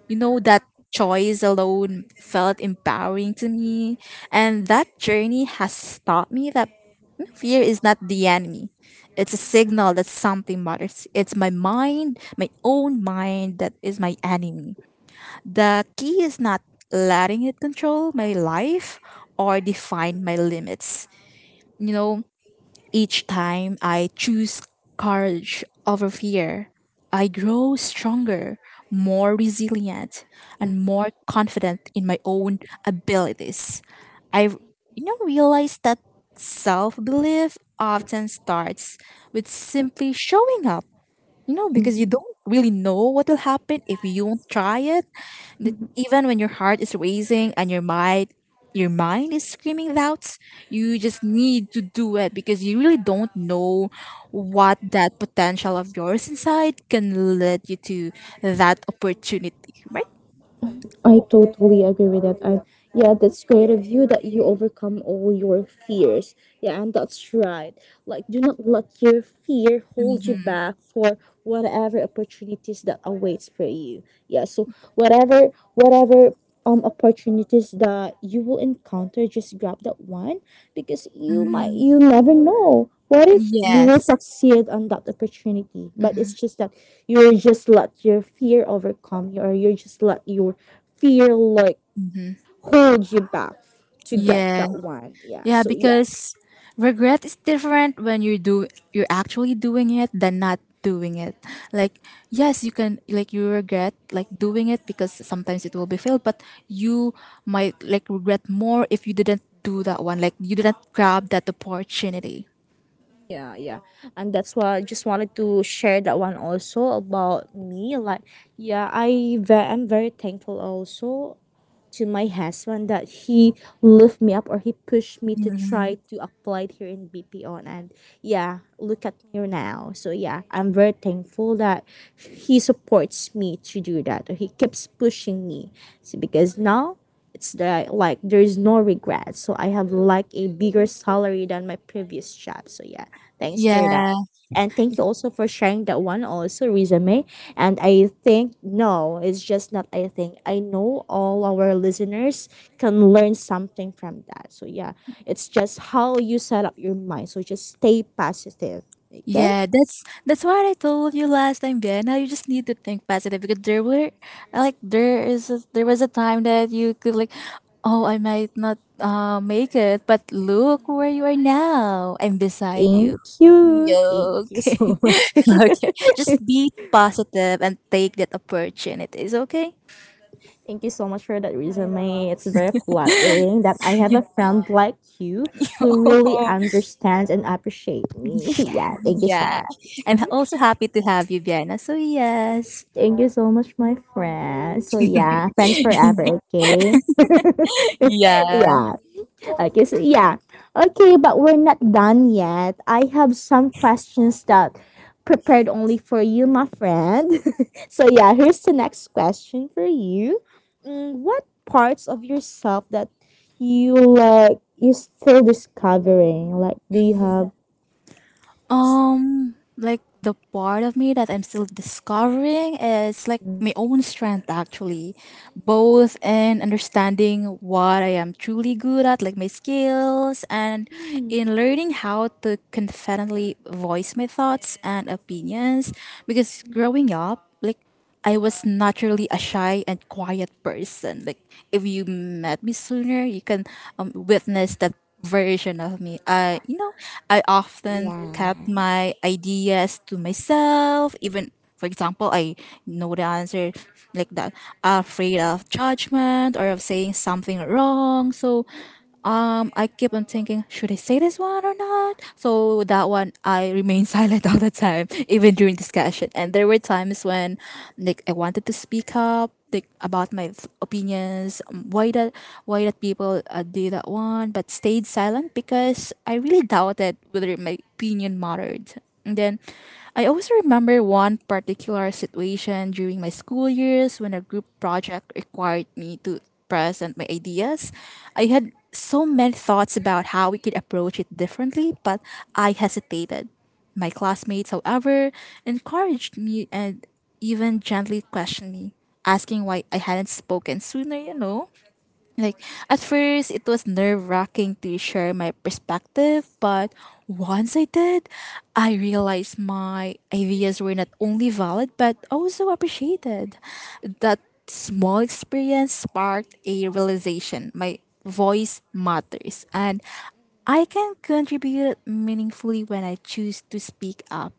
[SPEAKER 2] You know, that choice alone felt empowering to me. And that journey has taught me that fear is not the enemy. It's a signal that something matters. It's my mind, my own mind, that is my enemy. The key is not letting it control my life or define my limits. You know, each time I choose courage over fear, I grow stronger, more resilient, and more confident in my own abilities. I, you know, realized that self-belief often starts with simply showing up, you know, because you don't really know what will happen if you won't try it. That even when your heart is racing and your mind is screaming doubts, you just need to do it because you really don't know what that potential of yours inside can lead you to that opportunity, right?
[SPEAKER 1] I totally agree with that. And yeah, that's great of you that you overcome all your fears. Yeah, and that's right. Like, do not let your fear hold you
[SPEAKER 2] Mm-hmm.
[SPEAKER 1] back for whatever opportunities that awaits for you. Yeah, so whatever opportunities that you will encounter, just grab that one because you never know. What if you will
[SPEAKER 2] Yes.
[SPEAKER 1] succeed on that opportunity? But
[SPEAKER 2] Mm-hmm.
[SPEAKER 1] it's just that you're just let your feel like holds you back to get that one. Yeah.
[SPEAKER 2] Yeah,
[SPEAKER 1] So yes.
[SPEAKER 2] because regret is different when you're actually doing it than not doing it. Like yes, you can like you regret like doing it because sometimes it will be failed, but you might like regret more if you didn't do that one. Like you didn't grab that opportunity.
[SPEAKER 1] Yeah, yeah. And that's why I just wanted to share that one also about me. Like yeah, I'm very thankful also to my husband that he lift me up or he pushed me to try
[SPEAKER 2] Mhm.
[SPEAKER 1] to apply it here in BPO, and yeah, look at me now. So yeah, I'm very thankful that he supports me to do that or he keeps pushing me. So because now it's the, like, there is no regret, so I have like a bigger salary than my previous job. So yeah, thanks for that,
[SPEAKER 2] Yeah.
[SPEAKER 1] and thank you also for sharing that one also, resume, and I think, no, it's just not I think. I know all our listeners can learn something from that. So, yeah, it's just how you set up your mind. So, just stay positive. Okay?
[SPEAKER 2] Yeah, that's what I told you last time, Vienna. You just need to think positive because there were like there was a time that you could like, oh, I might not make it, but look where you are now. I'm beside
[SPEAKER 1] Thank
[SPEAKER 2] you.
[SPEAKER 1] you. Thank
[SPEAKER 2] No,
[SPEAKER 1] you
[SPEAKER 2] okay,
[SPEAKER 1] so much.
[SPEAKER 2] okay. Just be positive and take that opportunities, okay?
[SPEAKER 1] Thank you so much for that, resume. It's very flattering that I have a friend like you who really understands and appreciates me. Yeah, thank you so
[SPEAKER 2] Yeah,
[SPEAKER 1] much.
[SPEAKER 2] and also happy to have you, Vienna. So yes,
[SPEAKER 1] Thank you so much, my friend. So yeah, friends forever, okay?
[SPEAKER 2] yeah.
[SPEAKER 1] yeah. Okay, so yeah. Okay, but we're not done yet. I have some questions that prepared only for you, my friend. So yeah, here's the next question for you. What parts of yourself that you're still discovering? Like, do you have
[SPEAKER 2] Like the part of me that I'm still discovering is like my own strength actually, both in understanding what I am truly good at, like my skills, and
[SPEAKER 1] Mm.
[SPEAKER 2] in learning how to confidently voice my thoughts and opinions. Because growing up, like I was naturally a shy and quiet person. Like if you met me sooner, you can witness that version of me. I, you know, I often
[SPEAKER 1] Yeah.
[SPEAKER 2] kept my ideas to myself. Even, for example, I know the answer like that, afraid of judgment or of saying something wrong. So I keep on thinking, should I say this one or not? So that one, I remain silent all the time, even during discussion. And there were times when, like, I wanted to speak up, like, about my opinions, why that people did that one, but stayed silent because I really doubted whether my opinion mattered. And then I also remember one particular situation during my school years when a group project required me to present my ideas. I had so many thoughts about how we could approach it differently, but I hesitated. My classmates, however, encouraged me and even gently questioned me, asking why I hadn't spoken sooner, you know. Like at first it was nerve-wracking to share my perspective, but once I did, I realized my ideas were not only valid but also appreciated. That small experience sparked a realization: my voice matters and I can contribute meaningfully when I choose to speak up.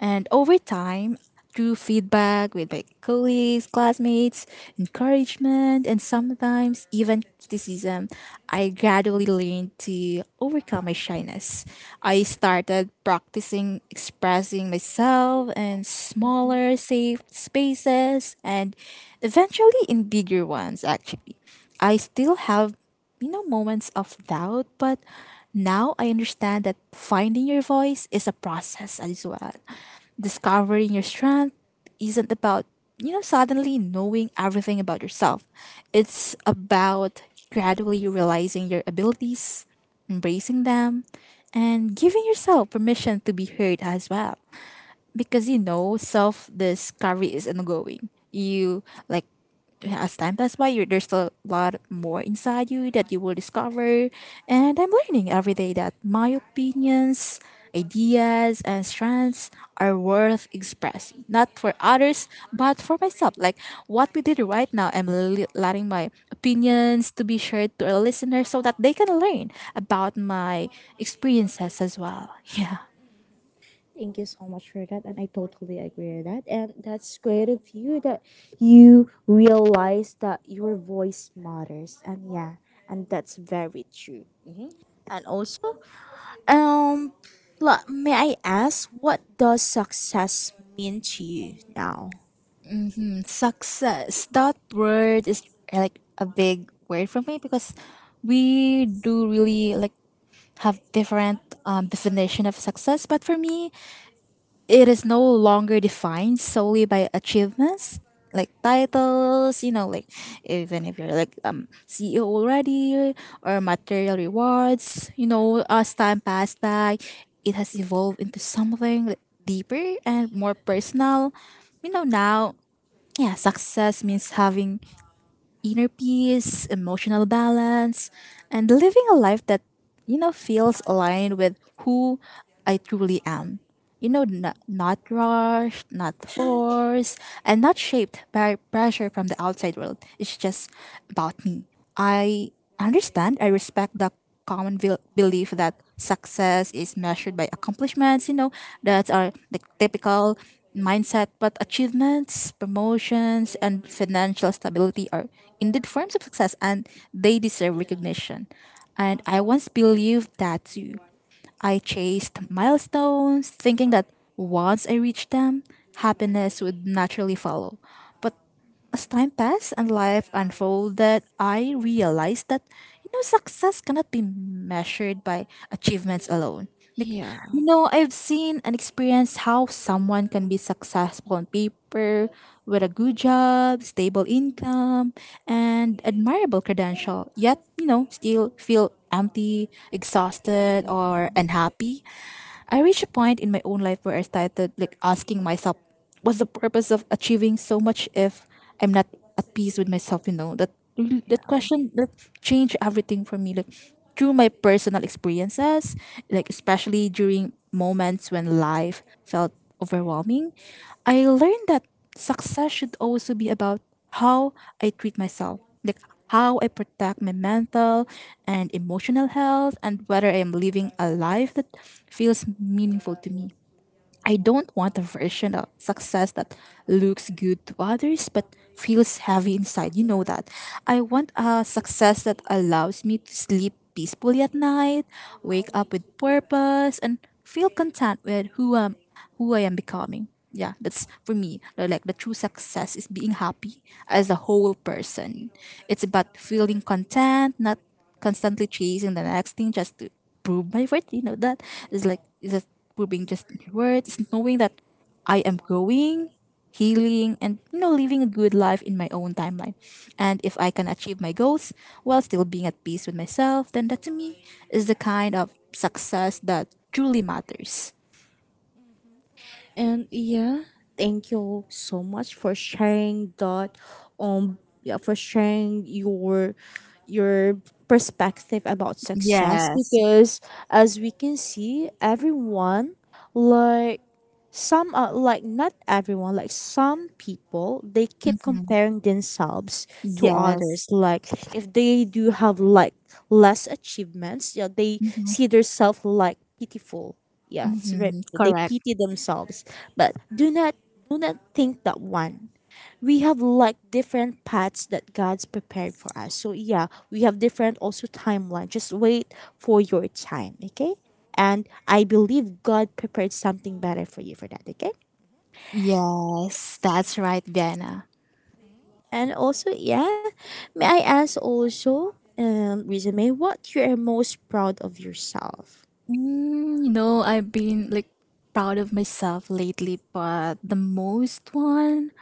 [SPEAKER 2] And over time, through feedback with my colleagues, classmates, encouragement, and sometimes even criticism, I gradually learned to overcome my shyness. I started practicing expressing myself in smaller, safe spaces and eventually in bigger ones, actually. I still have, you know, moments of doubt, but now I understand that finding your voice is a process, as well discovering your strength isn't about, you know, suddenly knowing everything about yourself. It's about gradually realizing your abilities, embracing them, and giving yourself permission to be heard as well, because you know self discovery is ongoing. You like as time passes by, you, there's a lot more inside you that you will discover. And I'm learning every day that my opinions, ideas, and strengths are worth expressing, not for others, but for myself. Like what we did right now, I'm letting my opinions to be shared to our listeners so that they can learn about my experiences as well. Yeah.
[SPEAKER 1] Thank you so much for that, and I totally agree with that. And that's great of you that you realize that your voice matters, and yeah, and that's very true. And also, um, may I ask, what does success mean to you now?
[SPEAKER 2] Mm, success. That word is like a big word for me because we do really like have different definition of success. But for me, it is no longer defined solely by achievements like titles. You know, like even if you're like CEO already or material rewards. You know, as time passed by, it has evolved into something like deeper and more personal. You know, now yeah, success means having inner peace, emotional balance, and living a life that, you know, feels aligned with who I truly am, you know, not rushed, not forced, and not shaped by pressure from the outside world. It's just about me. I understand, I respect the common belief that success is measured by accomplishments, you know, that are the typical mindset, but achievements, promotions, and financial stability are indeed forms of success and they deserve recognition. And I once believed that too. I chased milestones, thinking that once I reached them, happiness would naturally follow. But as time passed and life unfolded, I realized that, you know, success cannot be measured by achievements alone.
[SPEAKER 1] Yeah.
[SPEAKER 2] You know, I've seen and experienced how someone can be successful on paper with a good job, stable income, and admirable credential, yet, you know, still feel empty, exhausted, or unhappy. I reached a point in my own life where I started like asking myself, what's the purpose of achieving so much if I'm not at peace with myself? You know that really, that question that changed everything for me. Like through my personal experiences, like especially during moments when life felt overwhelming, I learned that success should also be about how I treat myself, like how I protect my mental and emotional health, and whether I am living a life that feels meaningful to me. I don't want a version of success that looks good to others but feels heavy inside. You know that. I want a success that allows me to sleep peacefully at night, wake up with purpose, and feel content with who I am becoming. Yeah, that's for me. Like the true success is being happy as a whole person. It's about feeling content, not constantly chasing the next thing just to prove my worth. You know that it's just proving just my worth. It's knowing that I am growing, healing, and you know living a good life in my own timeline. And if I can achieve my goals while still being at peace with myself, then that to me is the kind of success that truly matters.
[SPEAKER 1] And yeah, thank you so much for sharing that yeah, for sharing your your perspective about success
[SPEAKER 2] Yes.
[SPEAKER 1] because as we can see everyone, like, some are like, not everyone, like some people they keep
[SPEAKER 2] Mm-hmm.
[SPEAKER 1] comparing themselves to others,
[SPEAKER 2] Yes.
[SPEAKER 1] like if they do have like less achievements, yeah, they see themselves like pitiful, yeah, it's very,
[SPEAKER 2] Hmm.
[SPEAKER 1] they pity themselves, but do not think that one, we have like different paths that God's prepared for us. So yeah, we have different also timeline. Just wait for your time, okay? And I believe God prepared something better for you for that, okay?
[SPEAKER 2] Yes, that's right, Vienna.
[SPEAKER 1] And also, yeah, may I ask also, Resume, what you are most proud of yourself?
[SPEAKER 2] Mm, no, I've been like proud of myself lately, but the most one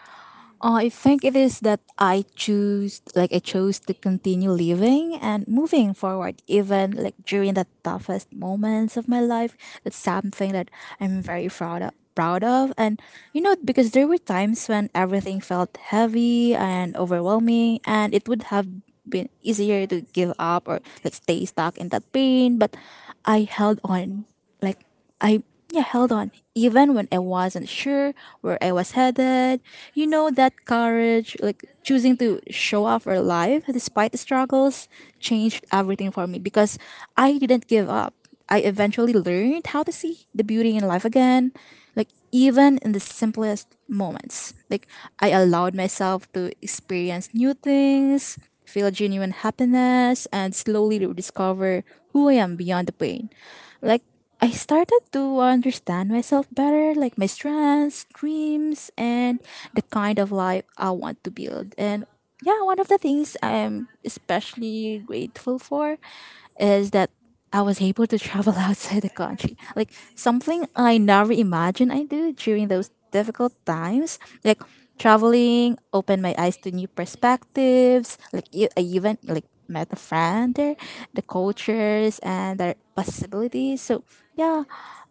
[SPEAKER 2] I think it is that I choose, like I chose to continue living and moving forward, even like during the toughest moments of my life. That's something that I'm very proud of. Proud of, and you know, because there were times when everything felt heavy and overwhelming, and it would have been easier to give up or like stay stuck in that pain. But I held on, like I yeah held on even when I wasn't sure where I was headed. You know that courage, like choosing to show up for life despite the struggles, changed everything for me because I didn't give up. I eventually learned how to see the beauty in life again, like even in the simplest moments. Like I allowed myself to experience new things, feel genuine happiness, and slowly rediscover who I am beyond the pain. Like I started to understand myself better, like my strengths, dreams, and the kind of life I want to build. And yeah, one of the things I'm especially grateful for is that I was able to travel outside the country. Like something I never imagined I do during those difficult times. Like traveling opened my eyes to new perspectives. Like I even like met a friend there, the cultures and their possibilities. So yeah,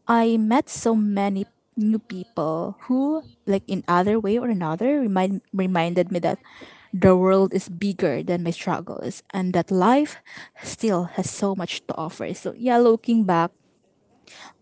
[SPEAKER 2] I met so many new people who like in other way or another reminded me that the world is bigger than my struggles and that life still has so much to offer. So, yeah, looking back,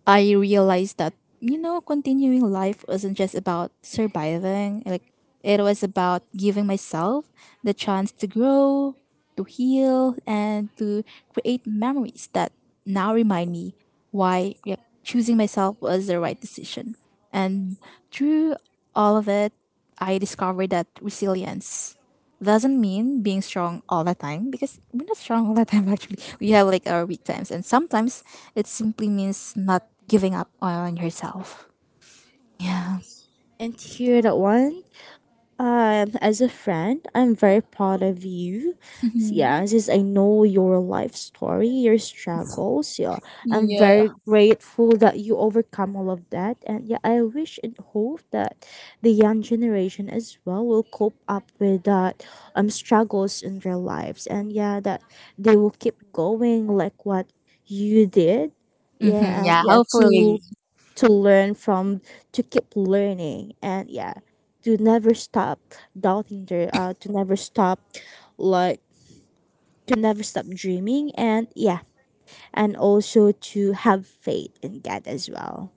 [SPEAKER 2] I realized that, you know, continuing life wasn't just about surviving, like, it was about giving myself the chance to grow, to heal, and to create memories that now remind me why yeah, choosing myself was the right decision. And through all of it, I discovered that resilience doesn't mean being strong all the time because we're not strong all the time actually we have like our weak times and sometimes it simply means not giving up on yourself. Yeah.
[SPEAKER 1] And here that one, as a friend, I'm very proud of you. So, yeah, since I know your life story, your struggles, so, yeah, I'm
[SPEAKER 2] Yeah.
[SPEAKER 1] very grateful that you overcome all of that. And yeah, I wish and hope that the young generation as well will cope up with that struggles in their lives. And yeah, that they will keep going like what you did. Yeah,
[SPEAKER 2] Hmm.
[SPEAKER 1] and
[SPEAKER 2] Yeah,
[SPEAKER 1] yeah,
[SPEAKER 2] hopefully.
[SPEAKER 1] to learn from, to keep learning, and yeah, to never stop doubting their to never stop, like, to never stop dreaming, and yeah, and also to have faith in God as well.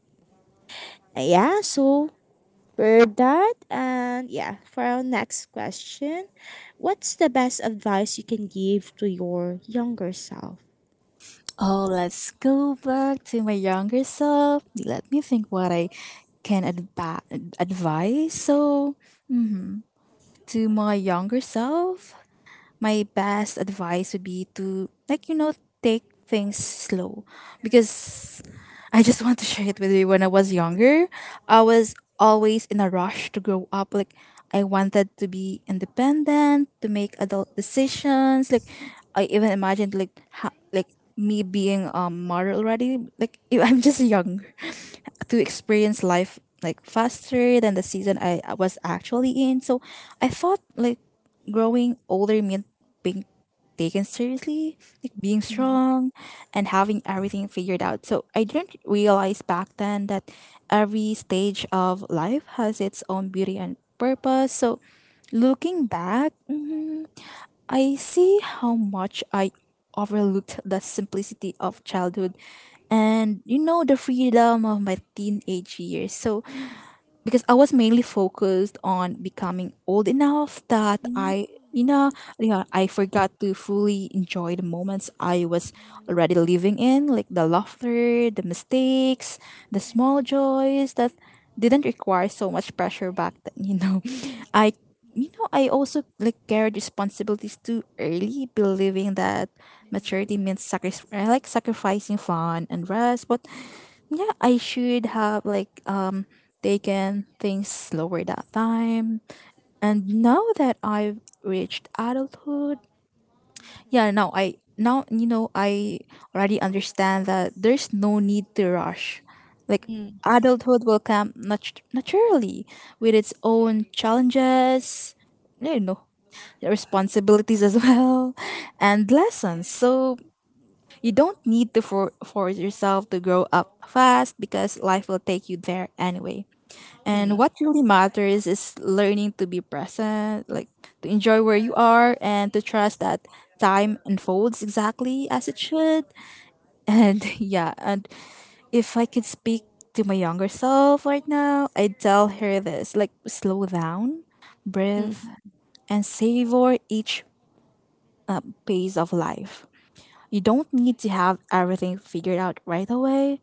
[SPEAKER 1] And yeah, so for that, and yeah, for our next question, what's the best advice you can give to your younger self?
[SPEAKER 2] Oh, let's go back to my younger self. Let me think what I can advise. So to my younger self, my best advice would be to like you know take things slow because I just want to share it with you. When I was younger, I was always in a rush to grow up. Like I wanted to be independent, to make adult decisions. Like I even imagined like like me being a married already. Like I'm just young to experience life like faster than the season I was actually in. So I thought like growing older meant being taken seriously, like being strong and having everything figured out. So I didn't realize back then that every stage of life has its own beauty and purpose. So looking back, I see how much I overlooked the simplicity of childhood and you know the freedom of my teenage years. So because I was mainly focused on becoming old enough that
[SPEAKER 1] Mm.
[SPEAKER 2] I you know yeah I forgot to fully enjoy the moments I was already living in, like the laughter, the mistakes, the small joys that didn't require so much pressure back then, you know. I you know I also like carried responsibilities too early believing that maturity means sacrifice, like sacrificing fun and rest. But yeah I should have like they can think slower that time. And now that I've reached adulthood, yeah, now you know I already understand that there's no need to rush. Like adulthood will come naturally with its own challenges, you know, responsibilities as well, and lessons. So you don't need to force yourself to grow up fast because life will take you there anyway. And what really matters is learning to be present, like to enjoy where you are and to trust that time unfolds exactly as it should. And yeah, and if I could speak to my younger self right now, I'd tell her this, like, slow down, breathe, and savor each phase of life. You don't need to have everything figured out right away,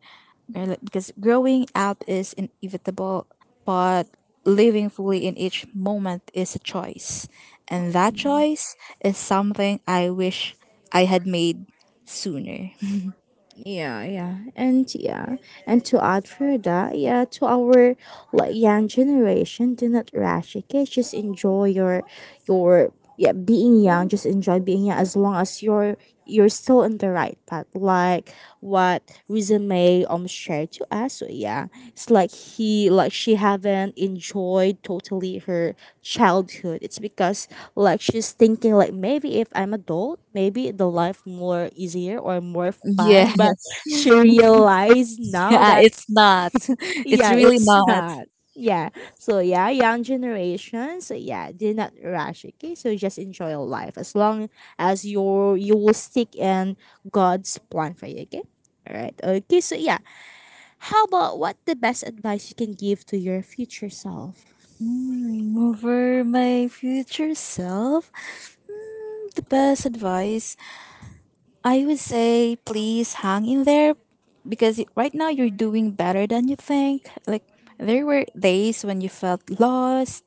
[SPEAKER 2] right? Like, because growing up is inevitable, but living fully in each moment is a choice. And that choice is something I wish I had made sooner.
[SPEAKER 1] Yeah, yeah, and yeah, and to add further, yeah, to our like young generation, do not rush, okay? Just enjoy your yeah, being young, just enjoy being young as long as you're still in the right path, like what Resume shared to us. So yeah, it's like he, like she haven't enjoyed totally her childhood, it's because like she's thinking like maybe if I'm adult maybe the life more easier or more fun, but
[SPEAKER 2] Yes.
[SPEAKER 1] she realized now
[SPEAKER 2] Yeah,
[SPEAKER 1] that
[SPEAKER 2] it's not. It's
[SPEAKER 1] yeah,
[SPEAKER 2] really
[SPEAKER 1] it's
[SPEAKER 2] not.
[SPEAKER 1] not. Yeah. So yeah, young generation, so yeah, do not rush, okay? So just enjoy your life as long as you will stick in God's plan for you, okay? All right, okay, so yeah, how about what the best advice you can give to your future self?
[SPEAKER 2] Mm, over my future self? Mm, the best advice I would say, please hang in there because right now you're doing better than you think. Like there were days when you felt lost,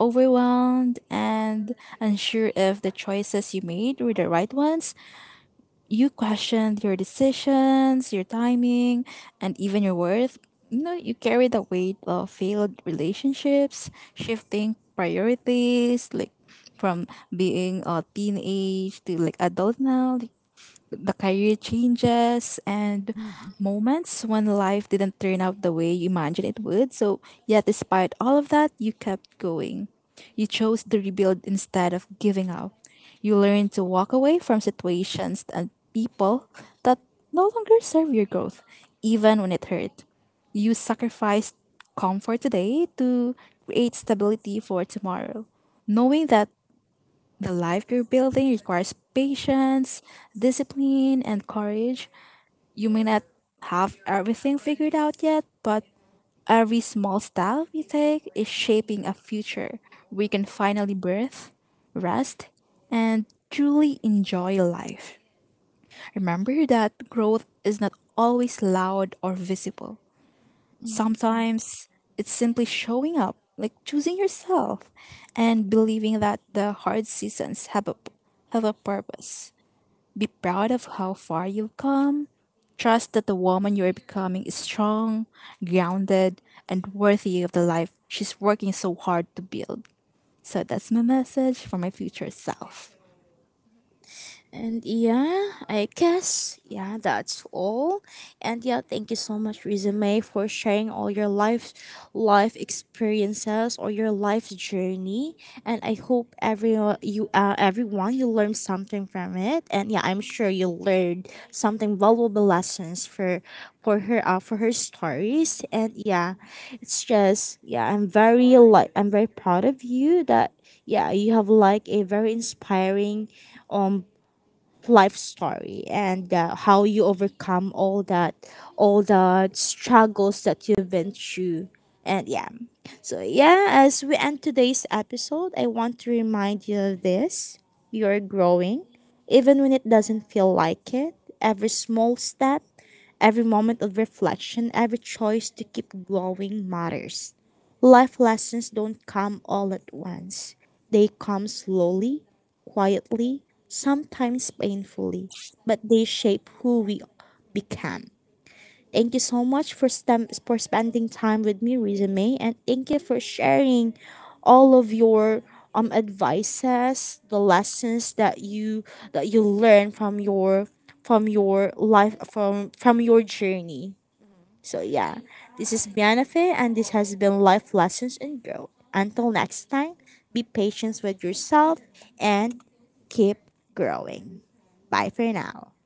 [SPEAKER 2] overwhelmed, and unsure if the choices you made were the right ones. You questioned your decisions, your timing, and even your worth. You know, you carry the weight of failed relationships, shifting priorities, like from being a teenage to like adult now, the career changes and moments when life didn't turn out the way you imagined it would. So, yet, despite all of that, you kept going. You chose to rebuild instead of giving up. You learned to walk away from situations and people that no longer serve your growth, even when it hurt. You sacrificed comfort today to create stability for tomorrow, knowing that the life you're building requires patience, discipline, and courage. You may not have everything figured out yet, but every small step you take is shaping a future we can finally breathe, rest, and truly enjoy life. Remember that growth is not always loud or visible. Sometimes it's simply showing up, like choosing yourself and believing that the hard seasons have a purpose. Be proud of how far you've come. Trust that the woman you are becoming is strong, grounded, and worthy of the life she's working so hard to build. So that's my message for my future self.
[SPEAKER 1] And yeah, I guess, yeah, that's all. And yeah, thank you so much, Resume, for sharing all your life experiences or your life journey. And I hope everyone you learned something from it. And yeah, I'm sure you learned something valuable lessons for for her stories. And yeah, it's just yeah, I'm very proud of you that yeah, you have like a very inspiring um life story, and how you overcome all that, all the struggles that you've been through. And yeah, so yeah, as we end today's episode, I want to remind you of this: you're growing even when it doesn't feel like it. Every small step, every moment of reflection, every choice to keep growing matters. Life lessons don't come all at once, they come slowly, quietly, sometimes painfully, but they shape who we become. Thank you so much for for spending time with me, Resume, and thank you for sharing all of your advices, the lessons that you learn from your life, from your journey. So yeah, this is Biana, and this has been Life Lessons and Growth. Until next time, be patient with yourself, and keep growing. Bye for now.